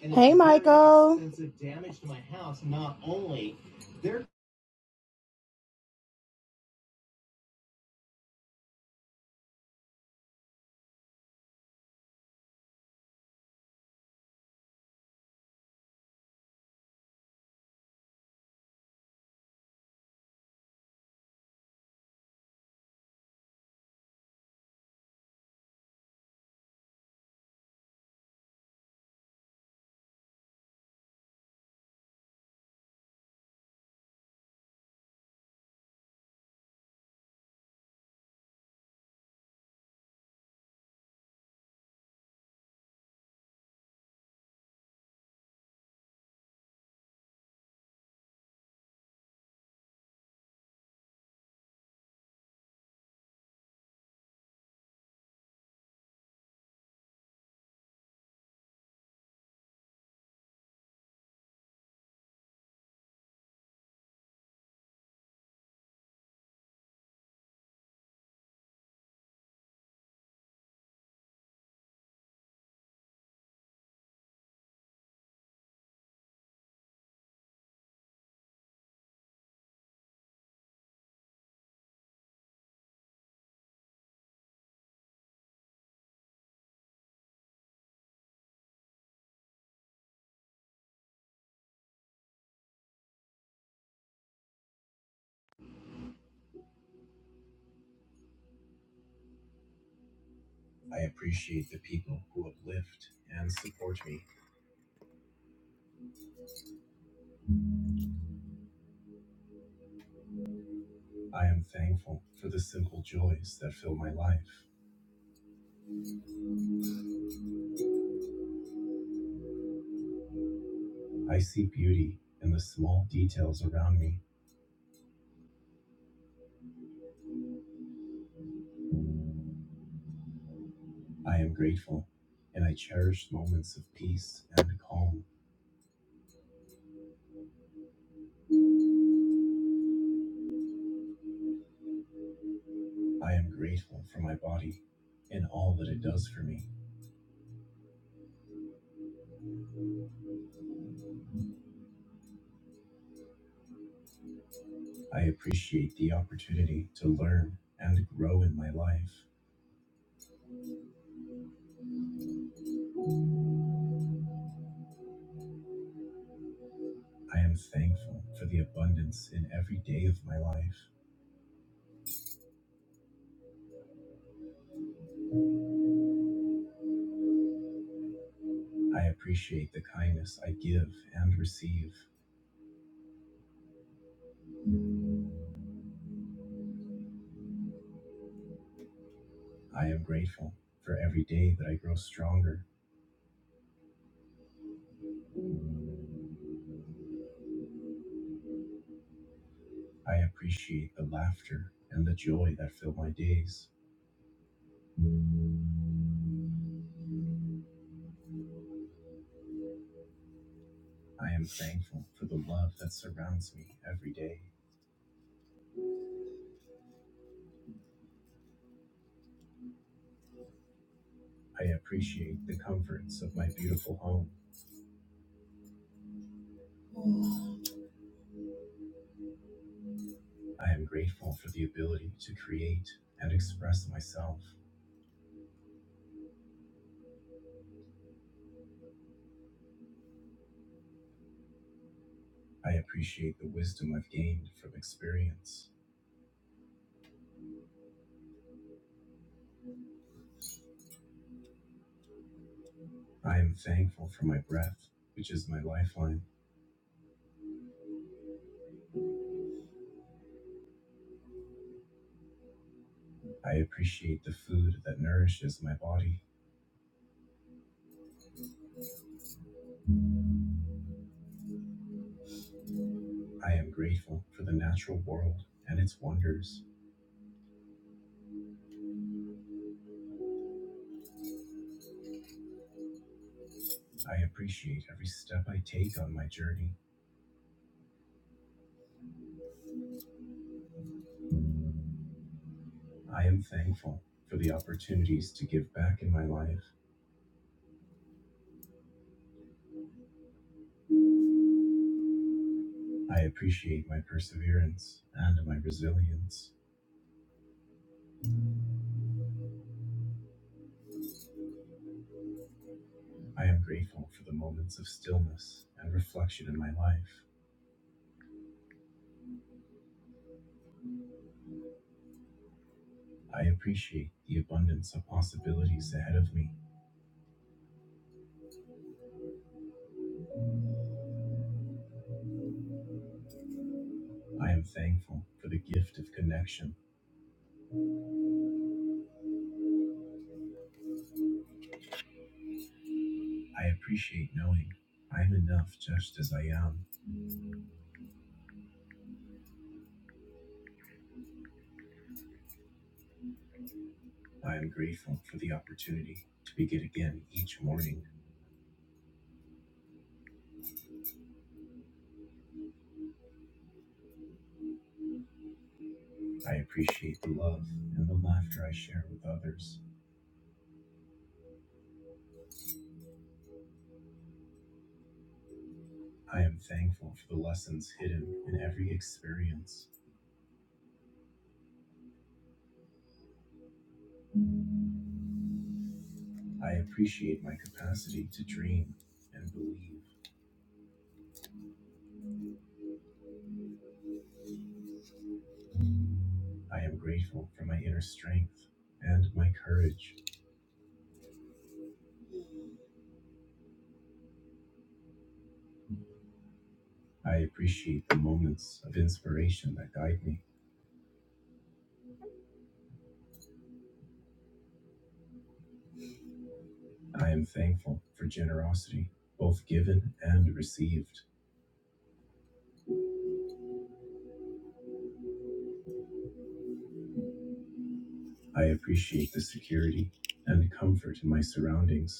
Hey, Michael. Sense of damage to my house, not only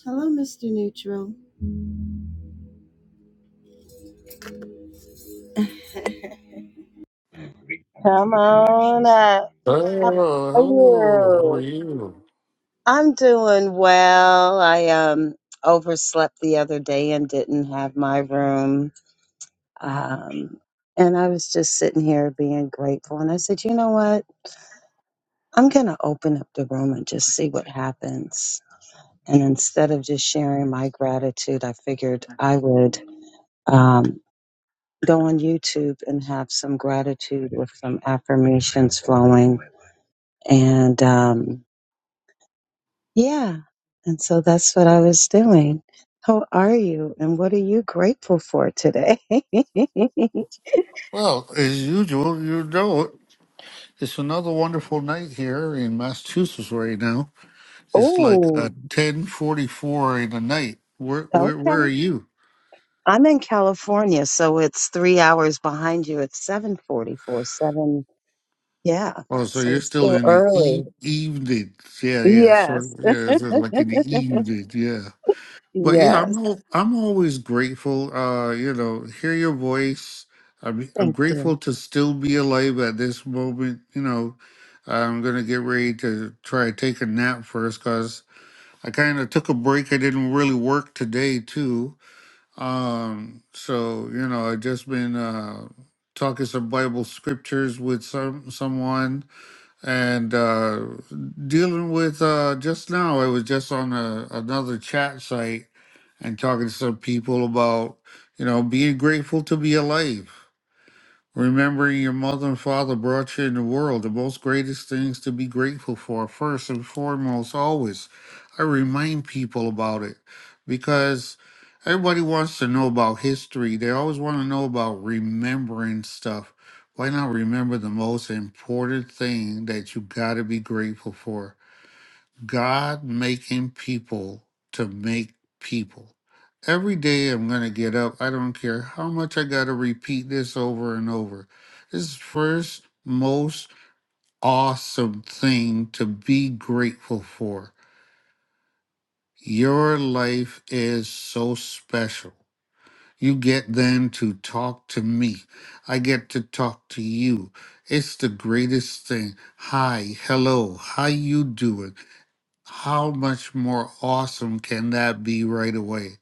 Hello, Mr. Neutral. Come on up. How Hello, are hello. How are you? you? I'm doing well. I um overslept the other day and didn't have my room. Um, and I was just sitting here being grateful. And I said, you know what? I'm gonna open up the room and just see what happens. And instead of just sharing my gratitude, I figured I would um, go on YouTube and have some gratitude with some affirmations flowing. And um, yeah, and so that's what I was doing. How are you? And what are you grateful for today? Well, as usual, you know it. It's another wonderful night here in Massachusetts right now. It's like oh, uh, ten forty-four in the night. Where, where, okay. where are you? I'm in California, so it's three hours behind you. It's 744, Yeah. Oh, so So you're it's still still in the early. e- evening? Yeah, yeah. Sort of, Yes. yeah, it's like in the evening. Yeah. But yeah, yes. I'm al- I'm always grateful. Uh, you know, hear your voice. I'm I'm Thank you. grateful to still be alive at this moment. You know, I'm gonna get ready to try to take a nap first because I kind of took a break. I didn't really work today too. Um, so you know, I just been uh talking some Bible scriptures with some someone and uh dealing with uh just now I was just on a, another chat site and talking to some people about, you know, being grateful to be alive. Remembering your mother and father brought you in the world, the most greatest things to be grateful for, first and foremost, always. I remind people about it because everybody wants to know about history. They always want to know about remembering stuff. Why not remember the most important thing that you got to be grateful for? God making people to make people. Every day I'm going to get up. I don't care how much I got to repeat this over and over. This is first most awesome thing to be grateful for. Your life is so special. You get then to talk to me. I get to talk to you. It's the greatest thing. Hi, hello, how you doing? how much more awesome can that be right away?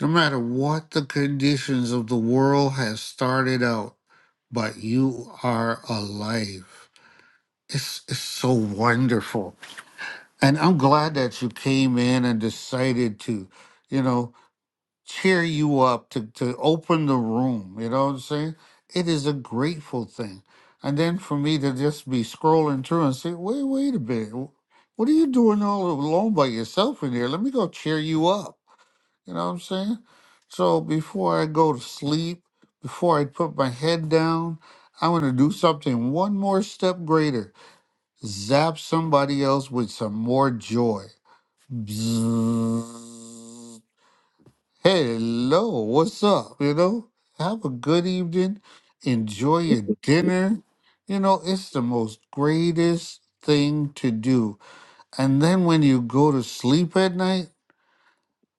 No matter what the conditions of the world has started out, but you are alive. It's, it's so wonderful. And I'm glad that you came in and decided to. You know, cheer you up, to, to open the room. You know what I'm saying? It is a grateful thing. And then for me to just be scrolling through and say, wait, wait a minute. wh- What are you doing all alone by yourself in here? Let me go cheer you up. You know what I'm saying? So before I go to sleep, before I put my head down, I want to do something one more step greater. Zap somebody else with some more joy. Bzzz. Hello, what's up? You know, have a good evening. Enjoy your dinner. You know, it's the most greatest thing to do. And then when you go to sleep at night,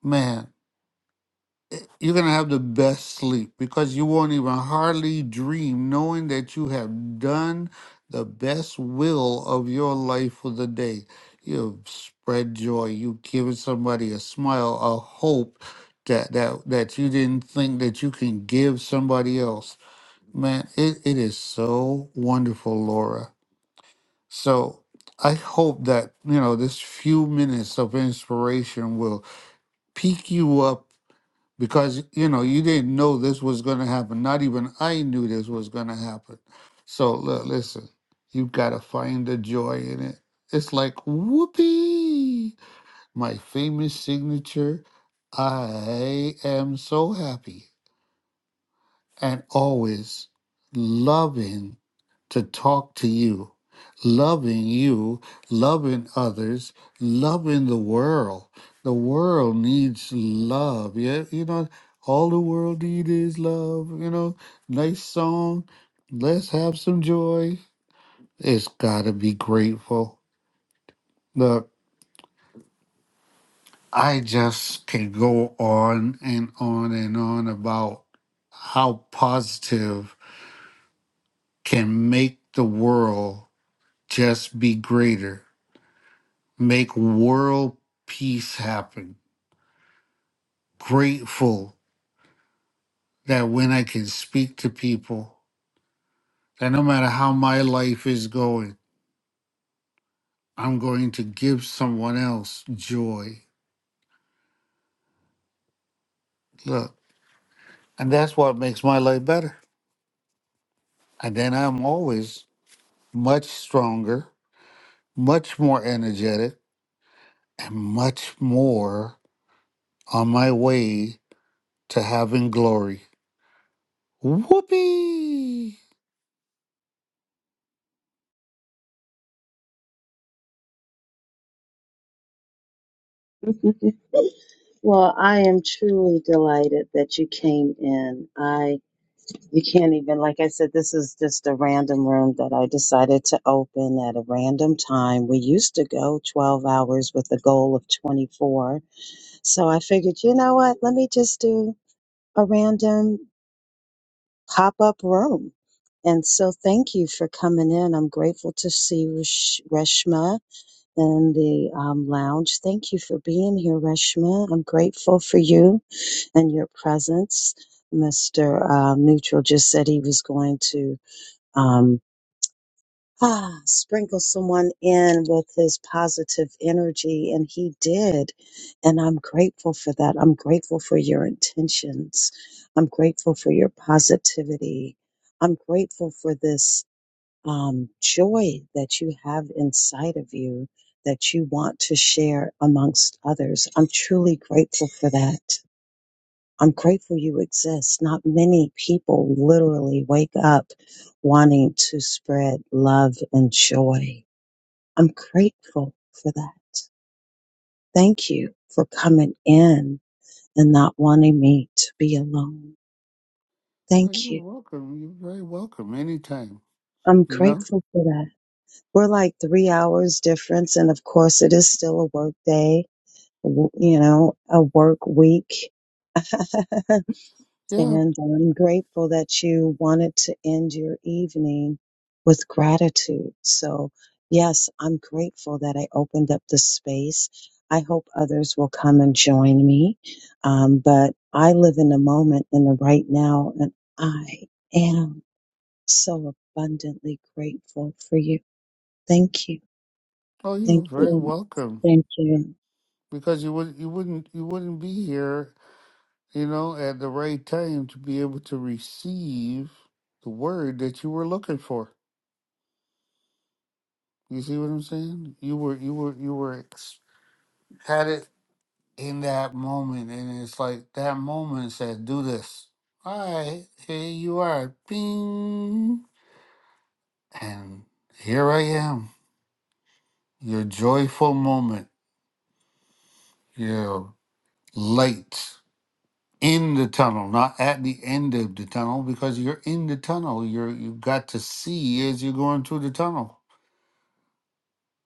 man you're gonna have the best sleep because you won't even hardly dream knowing that you have done the best will of your life for the day. You've spread joy, you've given somebody a smile, a hope that that that you didn't think that you can give somebody else. Man, it, it is so wonderful, Laura. So I hope that, you know, this few minutes of inspiration will pick you up because you know you didn't know this was going to happen not even i knew this was going to happen so look listen you gotta find the joy in it it's like whoopee my famous signature i am so happy and always loving to talk to you, loving you, loving others, loving the world. The world needs love. Yeah, you know, all the world needs is love. You know, nice song. Let's have some joy. It's got to be grateful. Look, I just can go on and on and on about how positive can make the world Just be greater. Make world peace happen. Grateful that when I can speak to people, that no matter how my life is going, I'm going to give someone else joy. Look, and that's what makes my life better. And then I'm always much stronger, much more energetic, and much more on my way to having glory. Whoopee! Well, I am truly delighted that you came in. I, you can't even, like I said, this is just a random room that I decided to open at a random time. We used to go 12 hours with a goal of 24. So I figured, you know what? Let me just do a random pop up room. And so thank you for coming in. I'm grateful to see Resh- Reshma in the um, lounge. Thank you for being here, Reshma. I'm grateful for you and your presence. Mr. uh, Neutral just said he was going to um, ah, sprinkle someone in with his positive energy, and he did. And I'm grateful for that. I'm grateful for your intentions. I'm grateful for your positivity. I'm grateful for this um, joy that you have inside of you that you want to share amongst others. I'm truly grateful for that. I'm grateful you exist. Not many people literally wake up wanting to spread love and joy. I'm grateful for that. Thank you for coming in and not wanting me to be alone. Oh, Thank you're you. welcome. You're very welcome anytime. I'm You Yeah. know? grateful for that. We're like three hours difference. And of course, it is still a work day, w- you know, a work week. Yeah. And I'm grateful that you wanted to end your evening with gratitude. So, yes, I'm grateful that I opened up the space. I hope others will come and join me. Um, but I live in the moment in the right now, and I am so abundantly grateful for you. Thank you. Oh, you're Thank very you. welcome. Thank you. Because you would you wouldn't you wouldn't be here, you know, at the right time to be able to receive the word that you were looking for. You see what I'm saying? You were you were you were ex- had it in that moment and it's like that moment said, Do this. All right, here you are. Bing and here I am. Your joyful moment. Yeah. Light in the tunnel, not at the end of the tunnel, because you're in the tunnel. You're you've got to see as you're going through the tunnel.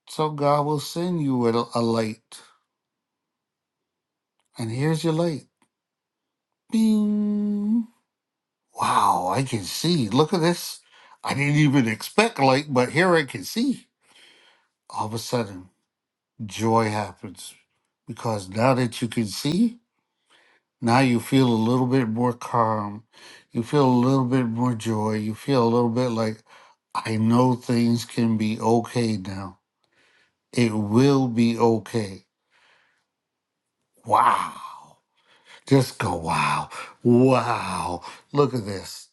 So God will send you a, a light, and here's your light. Bing! Wow, I can see. Look at this. I didn't even expect light, but here I can see. All of a sudden, joy happens because now that you can see. Now you feel a little bit more calm. You feel a little bit more joy. You feel a little bit like, I know things can be okay now. It will be okay. Wow. Just go, wow. Wow. Look at this.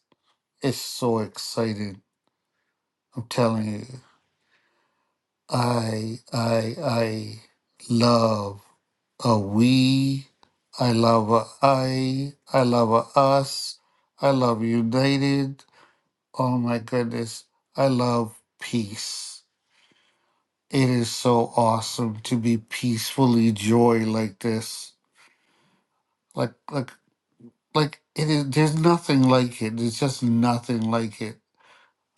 It's so exciting. I'm telling you. I, I, I love a we. I love a I. I love a us. I love united. Oh my goodness. I love peace. It is so awesome to be peacefully joy like this. Like like like it is there's nothing like it. There's just nothing like it.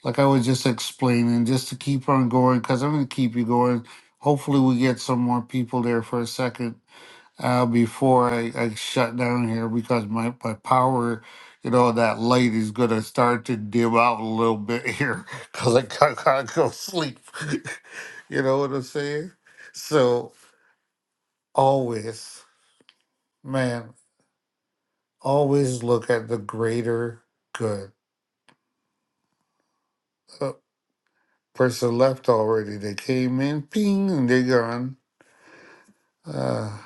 Like I was just explaining, just to keep on going, because I'm gonna keep you going. Hopefully we get some more people there for a second. uh, before I, I shut down here because my, my power, you know, that light is going to start to dim out a little bit here because I can't, can't go sleep. you know what I'm saying? So always, man, always look at the greater good. Uh, person left already. They came in, ping, and they're gone. Uh,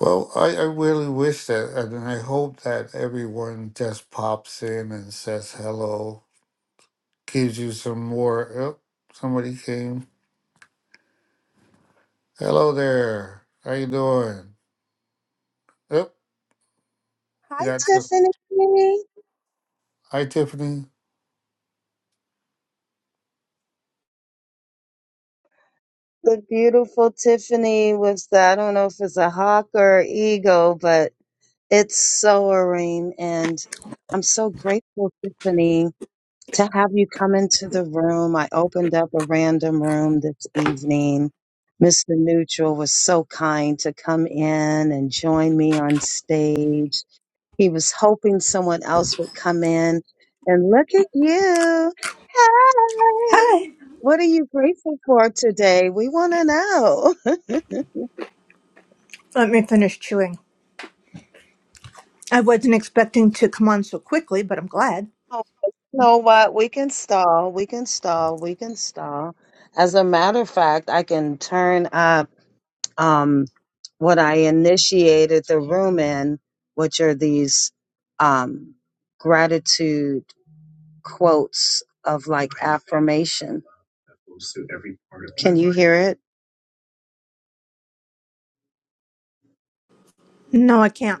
well, I, I really wish that, and I hope that everyone just pops in and says hello gives you some more. Yep, somebody came. Hello there. How you doing? Yep, we Hi, got you. Tiffany. Hi, Tiffany. The beautiful Tiffany was the, I don't know if it's a hawk or eagle, but it's soaring. And I'm so grateful, Tiffany, to have you come into the room. I opened up a random room this evening. Mr. Neutral was so kind to come in and join me on stage. He was hoping someone else would come in. And look at you. Hey, Hi. what are you grateful for today? We want to know. Let me finish chewing. I wasn't expecting to come on so quickly, but I'm glad. Oh, you know what? We can stall. We can stall. We can stall. As a matter of fact, I can turn up um, what I initiated the room in, which are these um, gratitude. quotes of like affirmation. Can you hear it? No, I can't.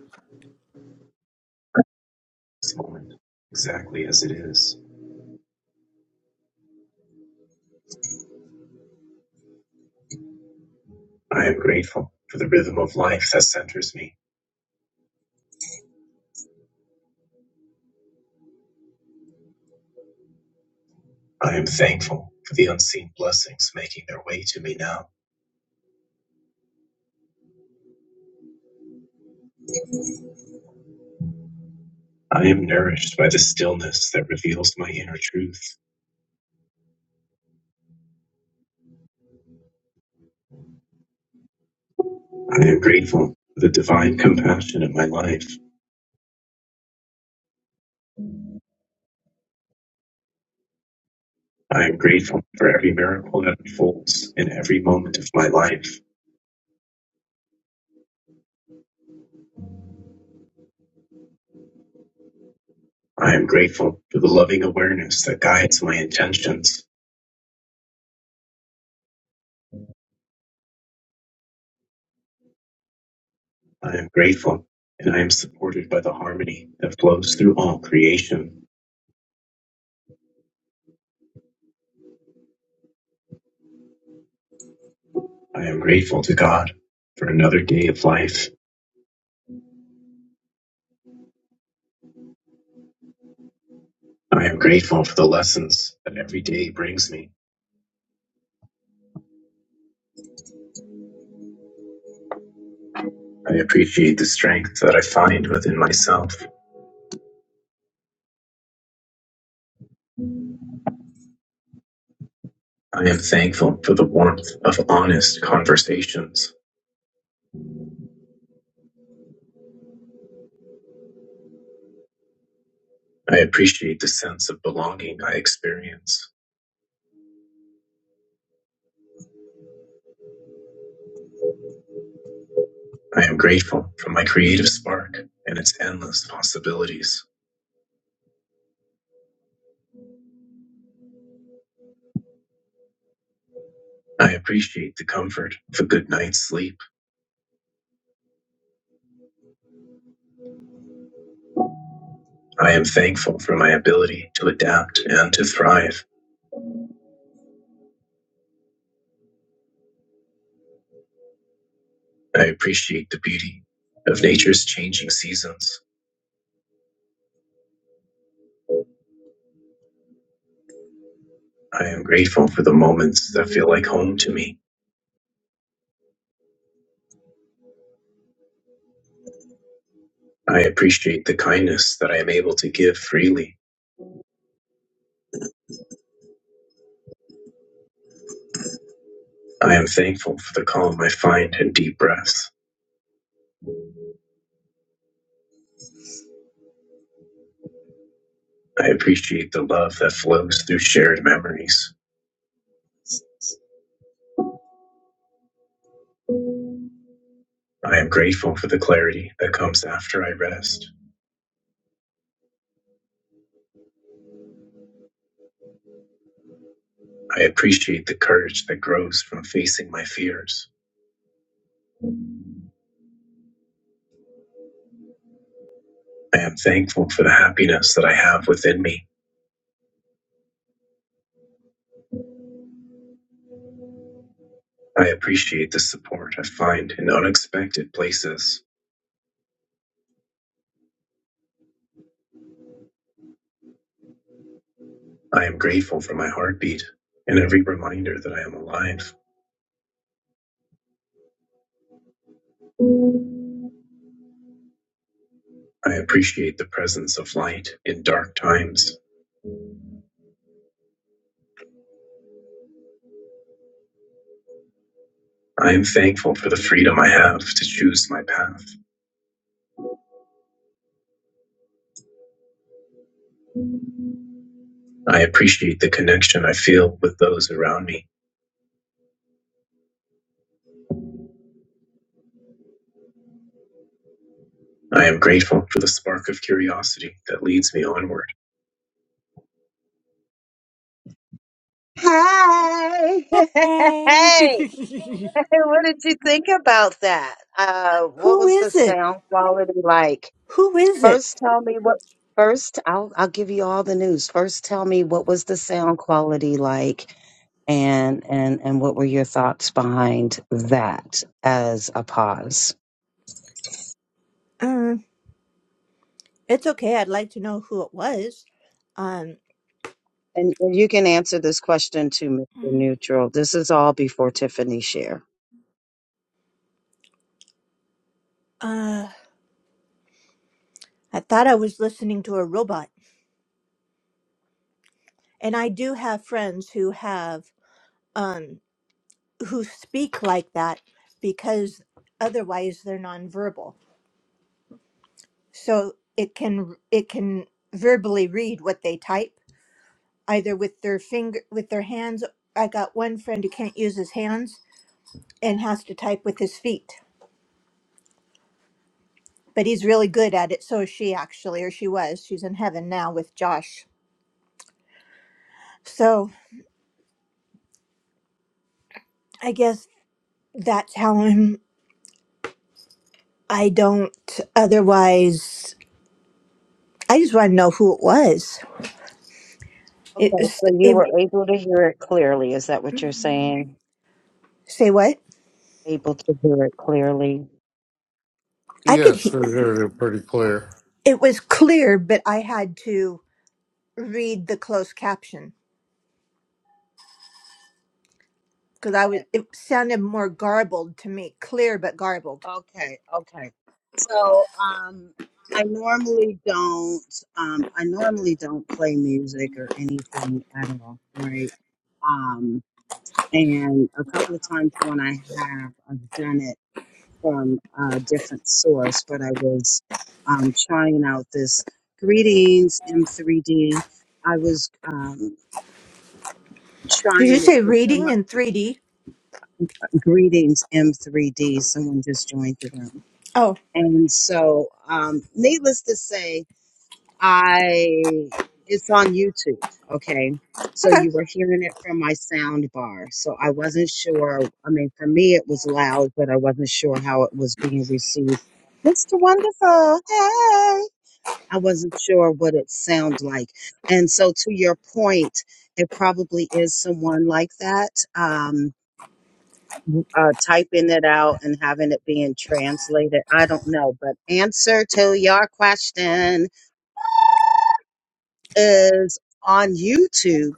Hey, Who hey, Hey. what did you think about that? Uh, what Who was the is it? sound quality like? Who is it? First, tell me what. First, I'll I'll give you all the news. First, tell me what was the sound quality like, and and and what were your thoughts behind that as a pause? Uh, it's okay. I'd like to know who it was. Um, And and you can answer this question too, Mr. Neutral. This is all before Tiffany share. uh, I thought I was listening to a robot, and I do have friends who have um who speak like that because otherwise they're nonverbal. So it can it can verbally read what they type. either with their finger with their hands. I got one friend who can't use his hands and has to type with his feet. But he's really good at it. So is she actually, or she was. She's in heaven now with Josh. So I guess that's how I'm I don't otherwise I just want to know who it was. It Okay, was so you it were able to hear it clearly. Is that what you're saying? say what? Able to hear it clearly. I could Yes, he- I heard it pretty clear. it was clear, but I had to read the closed caption because I was it sounded more garbled to me, clear but garbled. Okay, okay. So um I normally don't um I normally don't play music or anything at all, right? Um and a couple of times when I have I've done it from a different source, but I was um, trying out this greetings M3D. I was um, Did you trying it say to from reading in 3D? greetings M3D. Someone just joined the room, Oh, and so um, needless to say, I it's on YouTube. Okay. So okay. you were hearing it from my sound bar. So I wasn't sure. I mean, for me, it was loud, but I wasn't sure how it was being received. Mr. Wonderful, hey. I wasn't sure what it sounded like. And so, to your point, it probably is someone like that, um, uh, typing it out and having it being translated. I don't know. But answer to your question is on YouTube,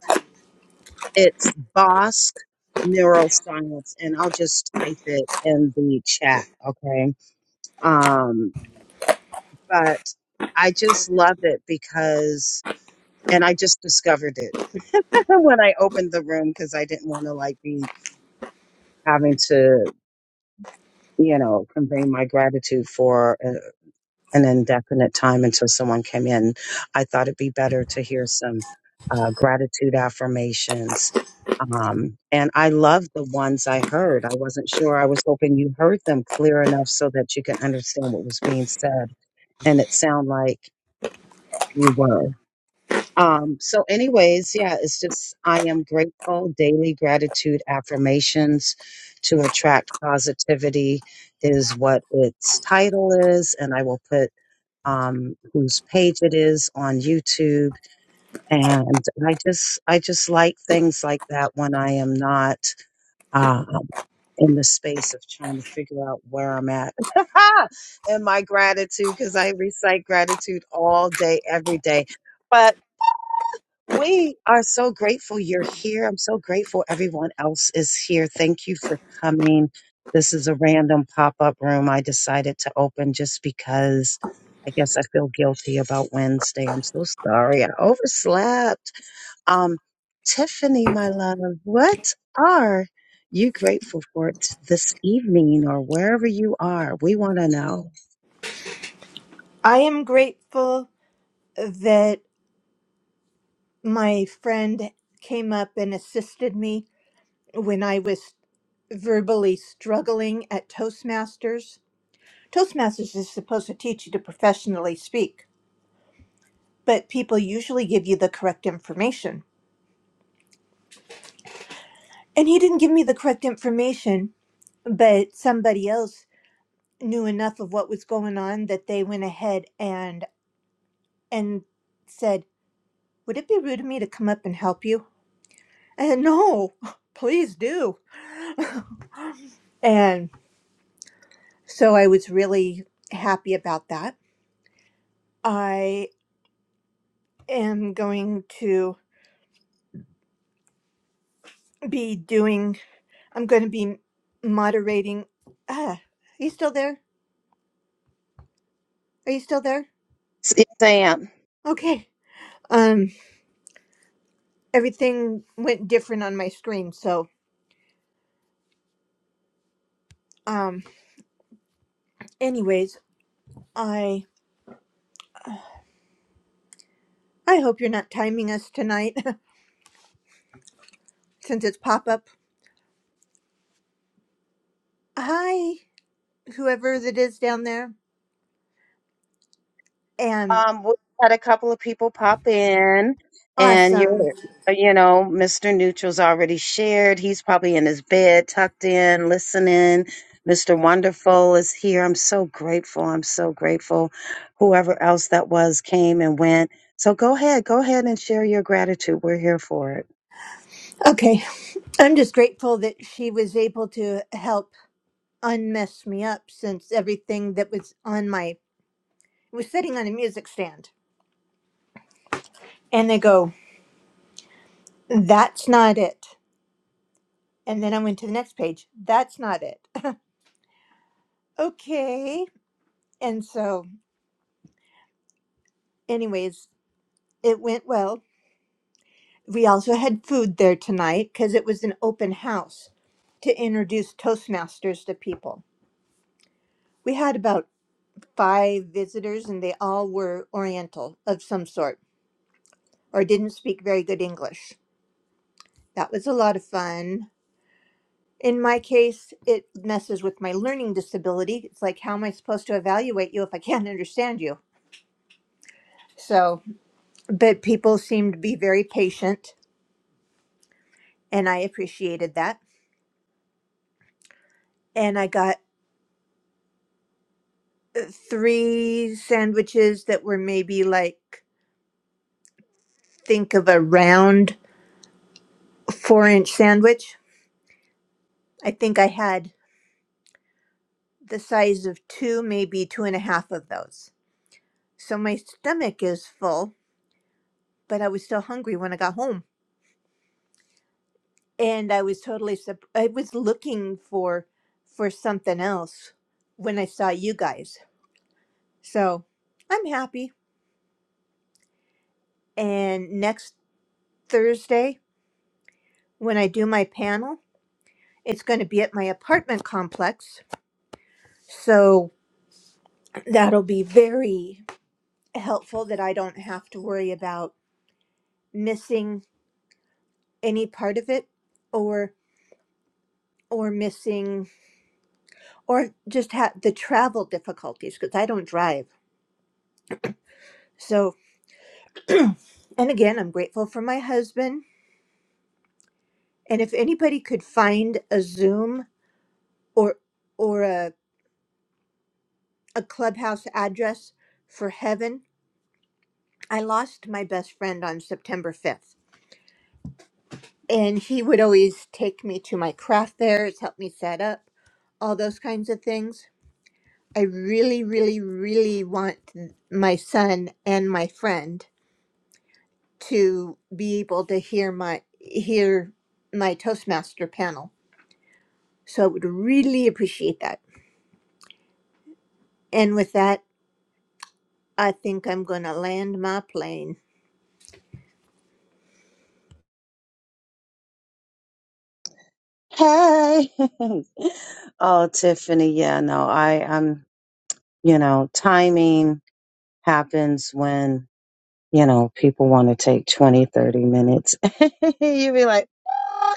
it's Bosk Neuroscience. And I'll just type it in the chat. Okay. Um, but I just love it because, and I just discovered it when I opened the room because I didn't want to like be having to, you know, convey my gratitude for uh an indefinite time until someone came in. I thought it'd be better to hear some uh, gratitude affirmations. Um, and I love the ones I heard. I wasn't sure. I was hoping you heard them clear enough so that you can understand what was being said. And it sounded like you were. Um, so, anyways, yeah, it's just I am grateful. Daily gratitude affirmations to attract positivity is what its title is, and I will put um, whose page it is on YouTube. And I just, I just like things like that when I am not um, in the space of trying to figure out where I'm at in my gratitude because I recite gratitude all day, every day. but. We are so grateful you're here. I'm so grateful everyone else is here. Thank you for coming. This is a random pop up room I decided to open just because I guess I feel guilty about Wednesday. I'm so sorry. I overslept. Um, Tiffany, my love, what are you grateful for t- this evening or wherever you are? We want to know. I am grateful that my friend came up and assisted me when I was verbally struggling at Toastmasters. Toastmasters is supposed to teach you to professionally speak, but people usually give you the correct information. And he didn't give me the correct information, but somebody else knew enough of what was going on that they went ahead and and said, "Would it be rude of me to come up and help you?" And no, please do. And so I was really happy about that. I am going to be doing, I'm going to be moderating. Ah, are you still there? Are you still there? Yes, I am. Okay. Um, everything went different on my screen. So, um, anyways, I, I hope you're not timing us tonight since it's pop up. Hi, whoever that is down there. And Um, we had a couple of people pop in, and awesome. you're, you know, Mr. Neutral's already shared. He's probably in his bed, tucked in, listening. Mr. Wonderful is here. I'm so grateful. I'm so grateful. Whoever else that was came and went. So go ahead, go ahead and share your gratitude. We're here for it. Okay. I'm just grateful that she was able to help unmess me up since everything that was on my was sitting on a music stand. And they go, That's not it. And then I went to the next page, that's not it. okay. And so anyways, it went well. We also had food there tonight because it was an open house to introduce Toastmasters to people. We had about five visitors and they all were Oriental of some sort or didn't speak very good English. That was a lot of fun. In my case, it messes with my learning disability. It's like, how am I supposed to evaluate you if I can't understand you? So, but people seemed to be very patient, and I appreciated that. And I got uh, three sandwiches that were maybe like, think of a round four inch sandwich. I think I had the size of two, maybe two and a half of those. So my stomach is full, but I was still hungry when I got home, and I was totally sup- I was looking for for something else when I saw you guys. So I'm happy. And next Thursday, when I do my panel, it's going to be at my apartment complex. So that'll be very helpful that I don't have to worry about missing any part of it or or missing or just have the travel difficulties because I don't drive. So And again, I'm grateful for my husband. And if anybody could find a Zoom or or a, a clubhouse address for heaven, I lost my best friend on September 5th. And he would always take me to my craft there. It's helped me set up, all those kinds of things. I really, really, really want my son and my friend to be able to hear my hear my Toastmaster panel. So I would really appreciate that. And with that, I think I'm going to land my plane. Hey. oh, Tiffany. Yeah, no, I, I'm, you know, timing happens when you know, people want to take 20, 30 minutes. you be like, "Ah,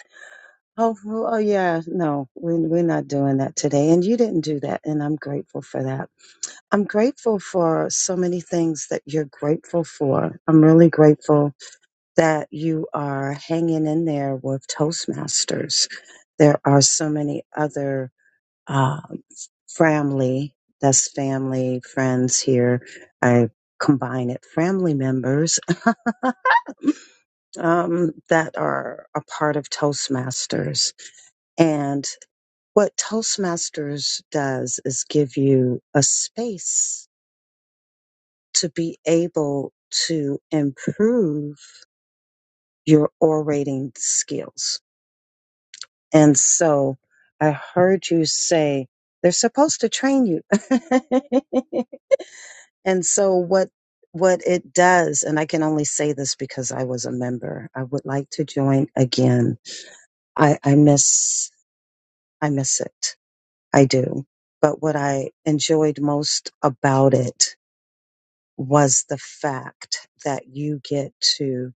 oh, oh, oh, yeah, no, we, we're not doing that today. And you didn't do that. And I'm grateful for that. I'm grateful for so many things that you're grateful for. I'm really grateful that you are hanging in there with Toastmasters. There are so many other uh, family, that's family, friends here. I combine it, family members um, that are a part of Toastmasters. And what Toastmasters does is give you a space to be able to improve your orating skills. And so I heard you say they're supposed to train you. and so what what it does, and I can only say this because I was a member. I would like to join again. I, I miss I miss it. I do. But what I enjoyed most about it was the fact that you get to,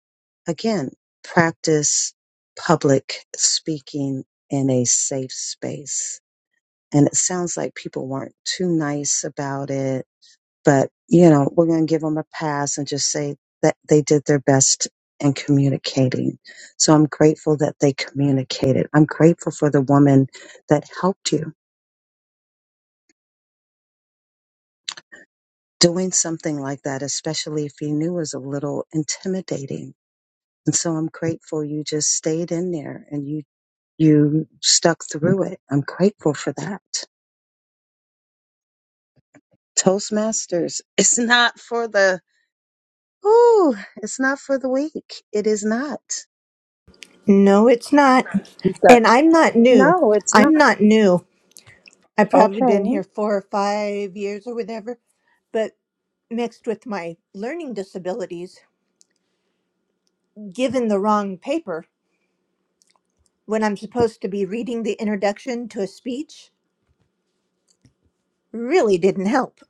again, practice public speaking in a safe space. And it sounds like people weren't too nice about it, but you know, we're going to give them a pass and just say that they did their best in communicating. So I'm grateful that they communicated. I'm grateful for the woman that helped you doing something like that, especially if you knew was a little intimidating. And so I'm grateful you just stayed in there and you, you stuck through it. I'm grateful for that. Toastmasters, it's not for the, ooh, it's not for the weak. It is not. No, it's not. You've got- And I'm not new. No, it's not. I'm not new. I've probably been Okay. here four or five years or whatever. But mixed with my learning disabilities, given the wrong paper when I'm supposed to be reading the introduction to a speech, really didn't help.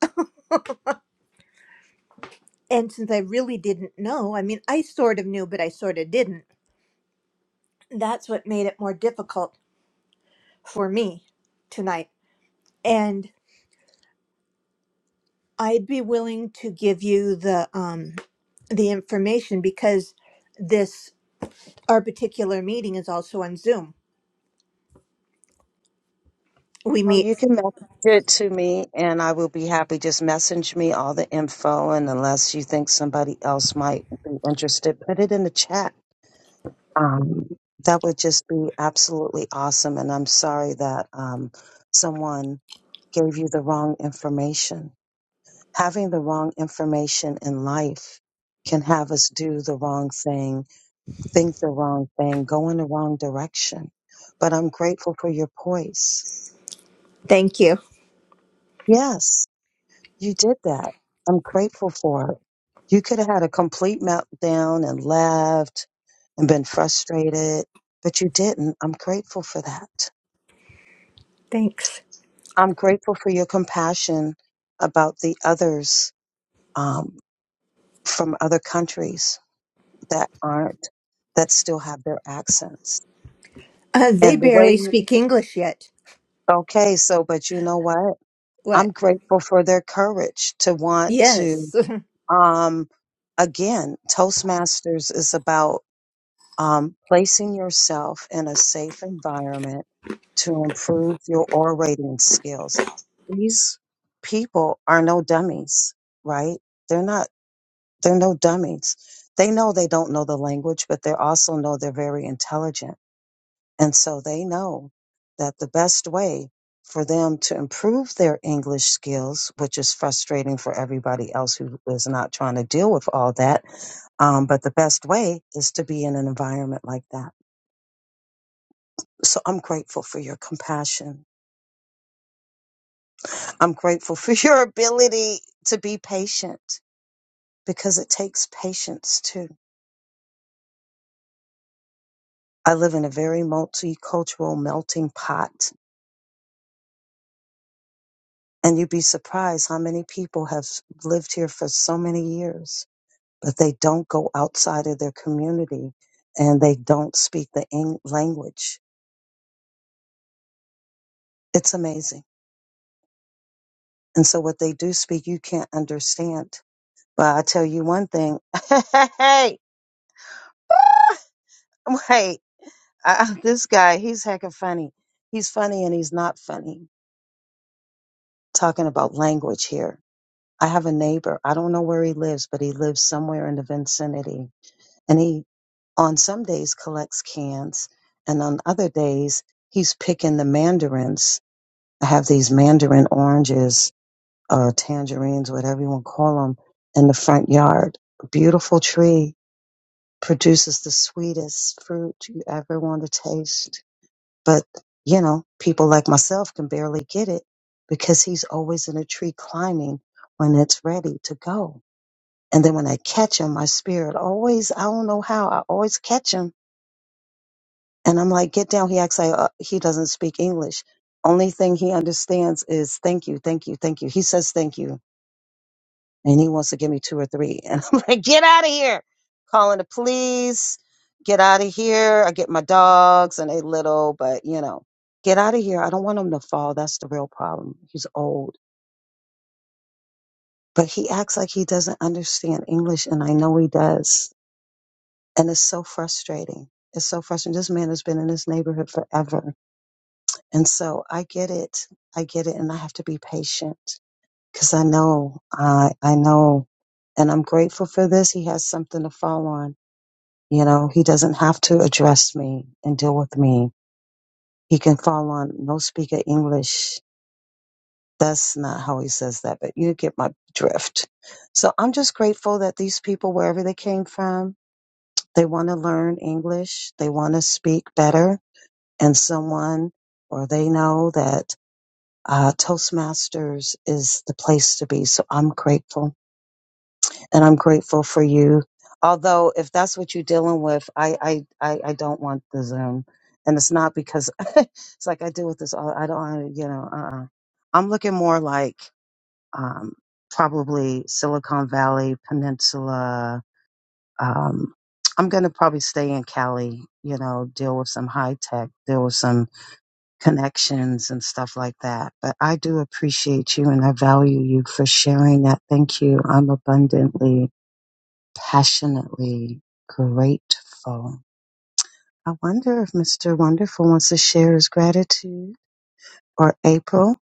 And since I really didn't know, I mean, I sort of knew, but I sort of didn't. That's what made it more difficult for me tonight. And I'd be willing to give you the um the information because this our particular meeting is also on Zoom. We Well, meet. you can message it to me and I will be happy. Just message me all the info. And unless you think somebody else might be interested, put it in the chat Um, that would just be absolutely awesome. And I'm sorry that um, someone gave you the wrong information. Having the wrong information in life can have us do the wrong thing, think the wrong thing, go in the wrong direction. But I'm grateful for your poise. Thank you. Yes, you did that. I'm grateful for it. You could have had a complete meltdown and left and been frustrated, but you didn't. I'm grateful for that. Thanks. I'm grateful for your compassion about the others um, from other countries that aren't, that still have their accents. Uh, they And the way barely you, speak English yet. okay, so, but you know what? What? I'm grateful for their courage to want to, Yes. um, again, Toastmasters is about um, placing yourself in a safe environment to improve your orating skills. These people are no dummies, right? They're not, they're no dummies. They know they don't know the language, but they also know they're very intelligent. And so they know that the best way for them to improve their English skills, which is frustrating for everybody else who is not trying to deal with all that, um, but the best way is to be in an environment like that so I'm grateful for your compassion. I'm grateful for your ability to be patient because it takes patience too. I live in a very multicultural melting pot and you'd be surprised how many people have lived here for so many years, but they don't go outside of their community and they don't speak the Eng- language. It's amazing. And so what they do speak, you can't understand. But I tell you one thing. hey, wait. I, this guy, he's heckin' funny. He's funny and he's not funny. Talking about language here. I have a neighbor. I don't know where he lives, but he lives somewhere in the vicinity. And he, on some days, collects cans. And on other days, he's picking the mandarins. I have these mandarin oranges or tangerines, whatever you want to call them, in the front yard. A beautiful tree produces the sweetest fruit you ever want to taste But, you know, people like myself can barely get it because he's always in a tree climbing when it's ready to go. And then when I catch him, my spirit always, I don't know how, I always catch him. And I'm like, get down. He acts like uh, he doesn't speak English. Only thing he understands is thank you, thank you, thank you. He says thank you and he wants to give me two or three. And I'm like, get out of here. Calling the police, get out of here. I get my dogs and they little, but you know, get out of here. I don't want him to fall. That's the real problem. He's old. But he acts like he doesn't understand English and I know he does. And it's so frustrating. It's so frustrating. This man has been in this neighborhood forever. And so I get it. I get it. And I have to be patient because I know, I, I know and I'm grateful for this. He has something to fall on You know, he doesn't have to address me and deal with me. He can fall on no speak of English. That's not how he says that, but you get my drift. So I'm just grateful that these people, wherever they came from, they want to learn English. They want to speak better. And someone, or they know that uh, Toastmasters is the place to be. So I'm grateful. and I'm grateful for you. Although, if that's what you're dealing with, I I I, I don't want the Zoom, and it's not because it's like I deal with this. All, I don't, wanna, you know. Uh, I'm looking more like um, probably Silicon Valley Peninsula. Um, I'm gonna probably stay in Cali. You know, deal with some high tech, deal with some connections and stuff like that. But I do appreciate you and I value you for sharing that. Thank you. I'm abundantly passionately grateful. I wonder if Mr. Wonderful wants to share his gratitude or April.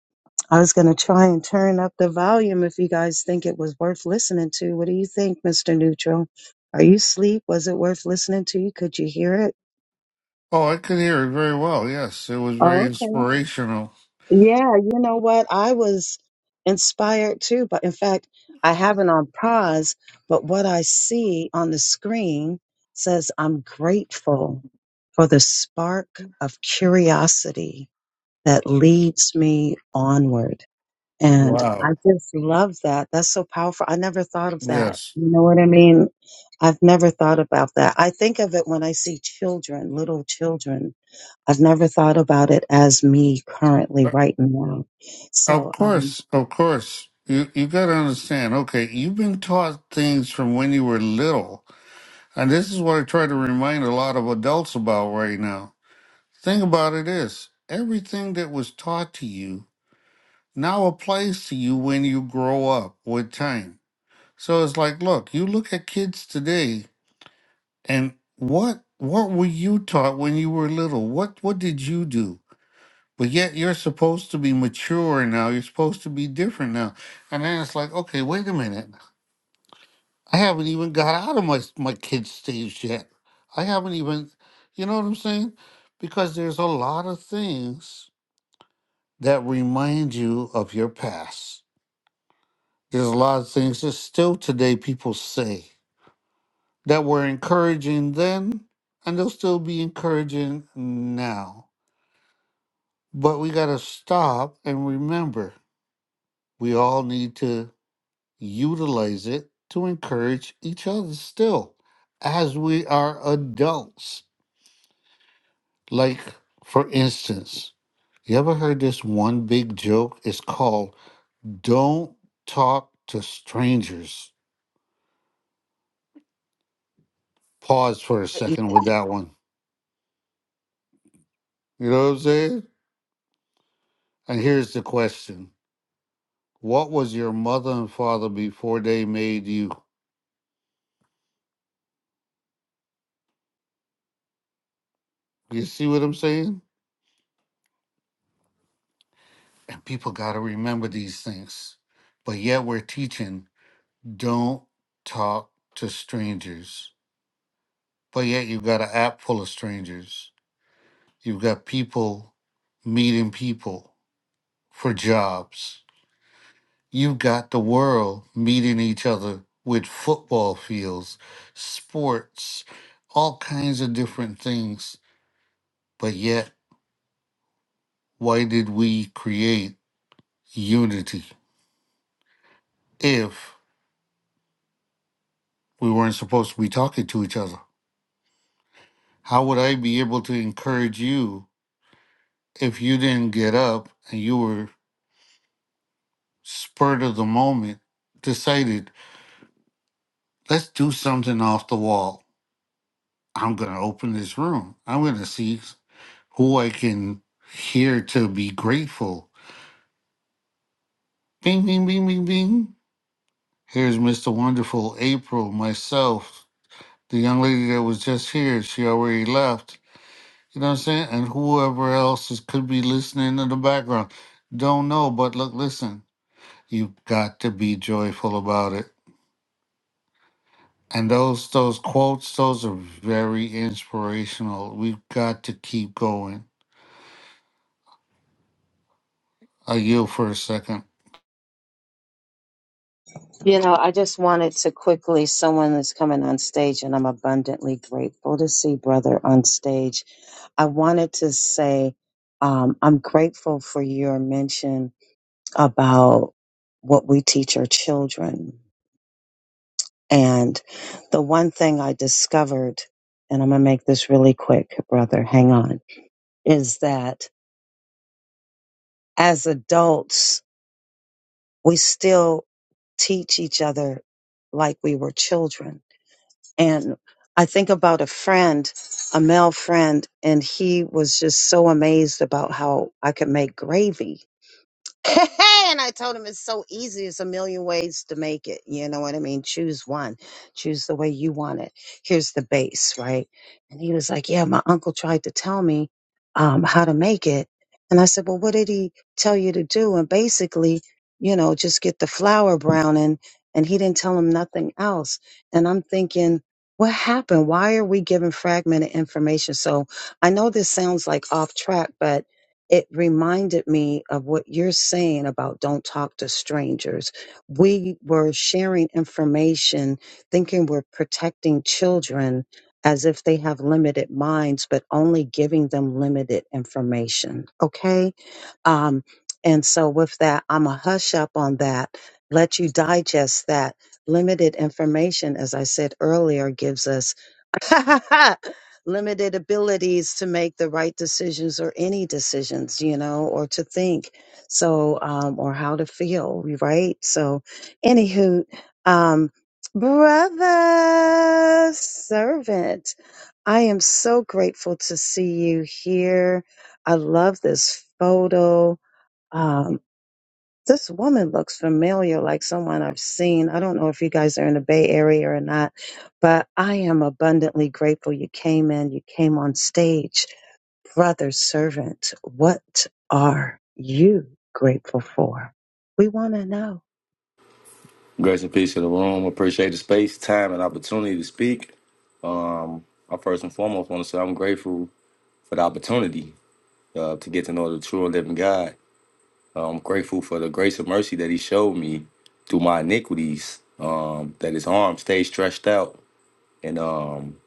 I was going to try and turn up the volume if you guys think it was worth listening to. What do you think, Mr. Neutral? Are you asleep? Was it worth listening to? you? Could you hear it? Oh, I could hear it very well. Yes, it was very Oh, okay. inspirational. Yeah, you know what? I was inspired too, but in fact, I have it on pause, but what I see on the screen says, I'm grateful for the spark of curiosity that leads me onward. And I Wow. just love that. That's so powerful. I never thought of that. Yes. You know what I mean? I've never thought about that. I think of it when I see children, little children I've never thought about it as me currently Uh, right now. Of So, um, course, of course. You you got to understand. Okay, you've been taught things from when you were little, and this is what I try to remind a lot of adults about right now. Thing about it is, everything that was taught to you now applies to you when you grow up with time. So it's like, look, you look at kids today and what what were you taught when you were little? What what did you do? But yet you're supposed to be mature now. You're supposed to be different now. And then it's like, okay, wait a minute. I haven't even got out of my my kid stage yet. I haven't even you know what I'm saying? Because there's a lot of things that remind you of your past There's a lot of things that still today people say that were encouraging then, and they'll still be encouraging now. But we got to stop and remember we all need to utilize it to encourage each other still as we are adults. Like, for instance, you ever heard this one big joke? It's called Don't Talk to Strangers. Pause for a second with that one. You know what I'm saying? And here's the question What was your mother and father before they made you? You see what I'm saying? And people got to remember these things. But yet we're teaching don't talk to strangers. But yet you've got an app full of strangers. You've got people meeting people for jobs. You've got the world meeting each other with football fields, sports, all kinds of different things. But yet Why did we create unity if we weren't supposed to be talking to each other? How would I be able to encourage you if you didn't get up and you were spurred of the moment, decided, let's do something off the wall? I'm going to open this room. I'm going to see who I can hear to be grateful. Bing, bing, bing, bing, bing. Here's Mr. Wonderful, April, myself, the young lady that was just here. She already left You know what I'm saying? And whoever else is, could be listening in the background. Don't know, but look, listen, you've got to be joyful about it. And those those quotes, those are very inspirational. We've got to keep going. I yield for a second. you know, I just wanted to quickly, someone is coming on stage and I'm abundantly grateful to see brother on stage. I wanted to say, um, I'm grateful for your mention about what we teach our children. And the one thing I discovered, and I'm going to make this really quick, brother, hang on, is that as adults, we still teach each other like we were children. And I think about a friend, a male friend, and he was just so amazed about how I could make gravy. and I told him it's so easy. It's a million ways to make it. You know what I mean? Choose one. Choose the way you want it. Here's the base, right? And he was like, Yeah, my uncle tried to tell me um, how to make it. And I said, Well, what did he tell you to do? And basically, you know, just get the flour browning. And he didn't tell him nothing else. And I'm thinking, what happened? Why are we giving fragmented information? So I know this sounds like off track, but it reminded me of what you're saying about don't talk to strangers. We were sharing information, thinking we're protecting children as if they have limited minds, but only giving them limited information. Okay. Um, and so with that, I'm a hush up on that, let you digest that. Limited information, as I said earlier, gives us limited abilities to make the right decisions or any decisions, you know, or to think. So, um, or how to feel, right? So, anywho, um, brother servant, I am so grateful to see you here. I love this photo. Um, this woman looks familiar, like someone I've seen. I don't know if you guys are in the Bay Area or not, but I am abundantly grateful you came in, you came on stage. Brother, servant, what are you grateful for? We want to know. Grace and peace to the room. Appreciate the space, time, and opportunity to speak. Um, I first and foremost want to say I'm grateful for the opportunity uh, to get to know the true and living God. I'm grateful for the grace and mercy that He showed me through my iniquities, um, that His arm stayed stretched out, and um,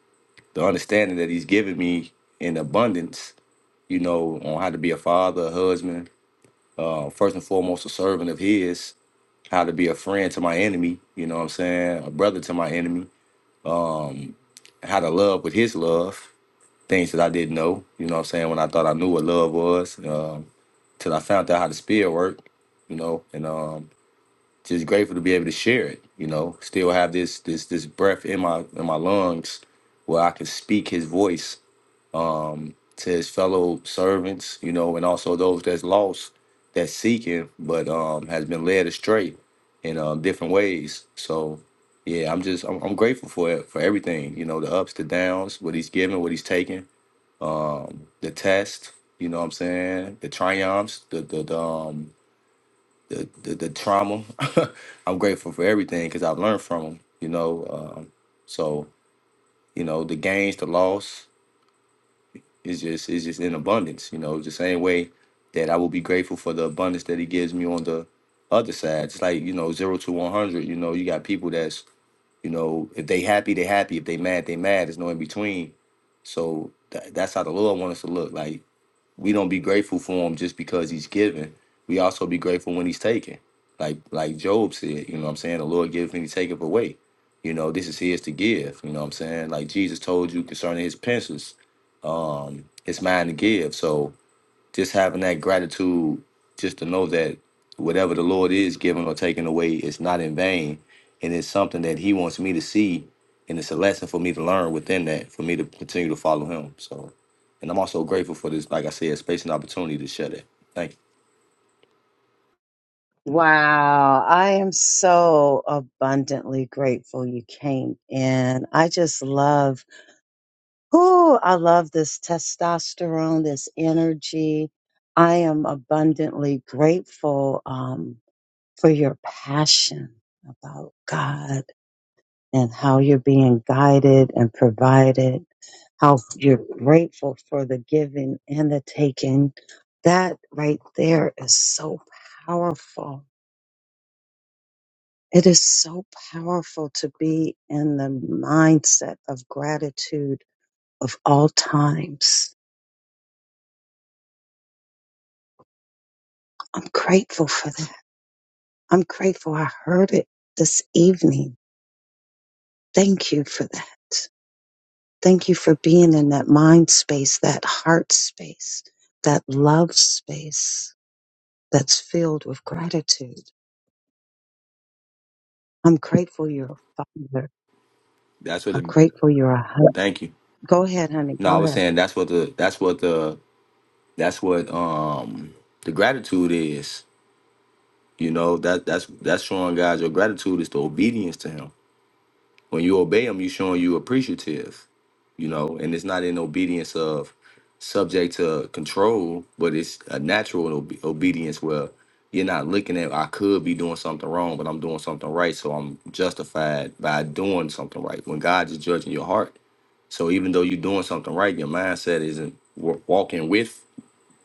the understanding that He's given me in abundance, you know, on how to be a father, a husband, uh, first and foremost, a servant of His, how to be a friend to my enemy, you know what I'm saying, a brother to my enemy um, how to love with his love, things that I didn't know, you know what I'm saying, when I thought I knew what love was, um, till I found out how the spirit worked, you know, and um, just grateful to be able to share it, you know, still have this this this breath in my in my lungs where I can speak his voice um, to his fellow servants, you know, and also those that's lost, that's seeking, but um, has been led astray in um, different ways. So, yeah, I'm just I'm, I'm grateful for it, for everything, you know, the ups, the downs, what he's given, what he's taken, um, the test, you know, what I'm saying, the triumphs, the the, the um the the, the trauma. I'm grateful for everything because I've learned from him, you know. Um, so you know, the gains, the loss, it's just it's just in abundance, you know, the same way that I will be grateful for the abundance that he gives me on the other side. It's like, you know, zero to one hundred, you know, you got people that's, you know, if they happy, they happy. If they mad, they mad. There's no in between. So tha- that's how the Lord wants us to look. Like we don't be grateful for him just because he's giving. We also be grateful when he's taken. Like like Job said, you know what I'm saying? The Lord giveth and he taketh away. You know, this is his to give. You know what I'm saying? Like Jesus told you concerning his pensions, um, his mind to give. So just having that gratitude, just to know that whatever the Lord is giving or taking away, it's not in vain. And it's something that He wants me to see. And it's a lesson for me to learn within that, for me to continue to follow Him. So, and I'm also grateful for this, like I said, space and opportunity to share that. Thank you. Wow, I am so abundantly grateful you came in. I just love Oh, I love this testosterone, this energy. I am abundantly grateful um, for your passion about God and how you're being guided and provided, how you're grateful for the giving and the taking. That right there is so powerful. It is so powerful to be in the mindset of gratitude of all times I'm grateful for that. I'm grateful I heard it this evening. Thank you for that. Thank you for being in that mind space, that heart space, that love space that's filled with gratitude. I'm grateful you're a father. That's what I'm the, grateful you're a husband. thank you. Go ahead, honey. No, I Go was ahead. saying that's what the, that's what the, that's what, um, the gratitude is. You know, that that's that's showing God your gratitude is the obedience to him. When you obey him, you showing you appreciative. you know, and it's not in obedience of subject to control, but it's a natural obe- obedience where you're not looking at I could be doing something wrong, but I'm doing something right, so I'm justified by doing something right. When God is judging your heart, so even though you're doing something right, your mindset isn't wa- walking with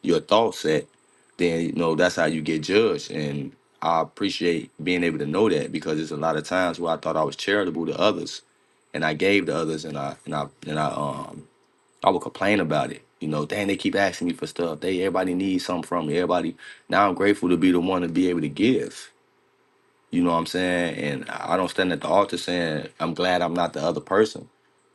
your thought set. Then you know that's how you get judged, and I appreciate being able to know that because there's a lot of times where I thought I was charitable to others, and I gave to others, and I and I and I um I would complain about it. You know, dang, they keep asking me for stuff. They everybody needs something from me. Everybody now I'm grateful to be the one to be able to give. You know what I'm saying? And I I don't stand at the altar saying I'm glad I'm not the other person.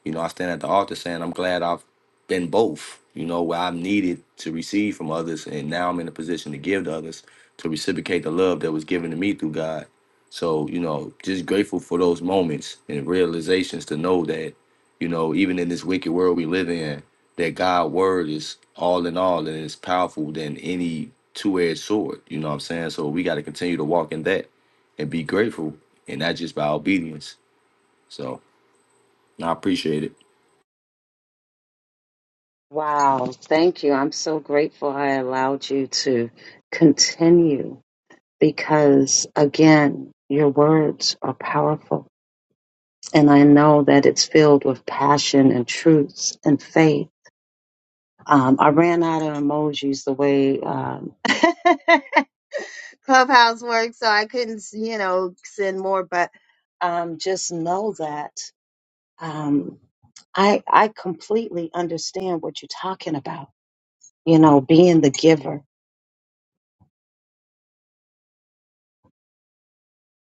You know, I stand at the altar saying I'm glad I've been both, you know, where I'm needed to receive from others. And now I'm in a position to give to others, to reciprocate the love that was given to me through God. So, you know, just grateful for those moments and realizations to know that, you know, even in this wicked world we live in, that God's word is all in all and it's powerful than any two edged sword. You know what I'm saying? So we got to continue to walk in that and be grateful. And not just by obedience. So I appreciate it. Wow, thank you. I'm so grateful I allowed you to continue because, again, your words are powerful. and I know that it's filled with passion and truths and faith. Um, I ran out of emojis the way um, Clubhouse works, so I couldn't, you know, send more. But um, just know that um, I I completely understand what you're talking about. You know, being the giver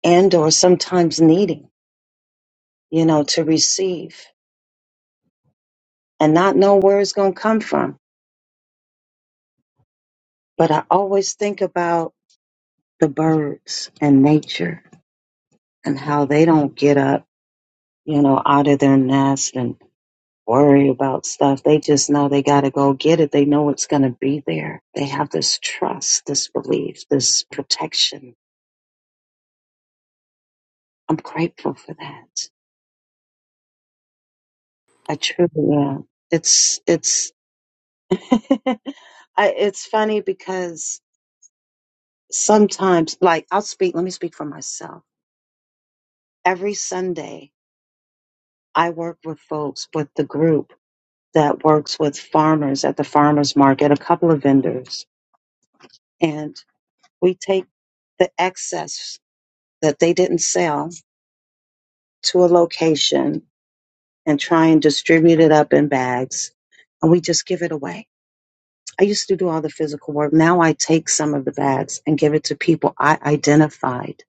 and or sometimes needing, you know, to receive and not know where it's going to come from. But I always think about the birds and nature and how they don't get up, you know, out of their nest and worry about stuff. They just know they got to go get it. They know it's going to be there. They have this trust, this belief, this protection. I'm grateful for that. I truly am. It's, it's, I, it's funny because sometimes, like, I'll speak, let me speak for myself. Every Sunday, I work with folks with the group that works with farmers at the farmers market, a couple of vendors and we take the excess that they didn't sell to a location and try and distribute it up in bags and we just give it away. I used to do all the physical work. Now I take some of the bags and give it to people I identified,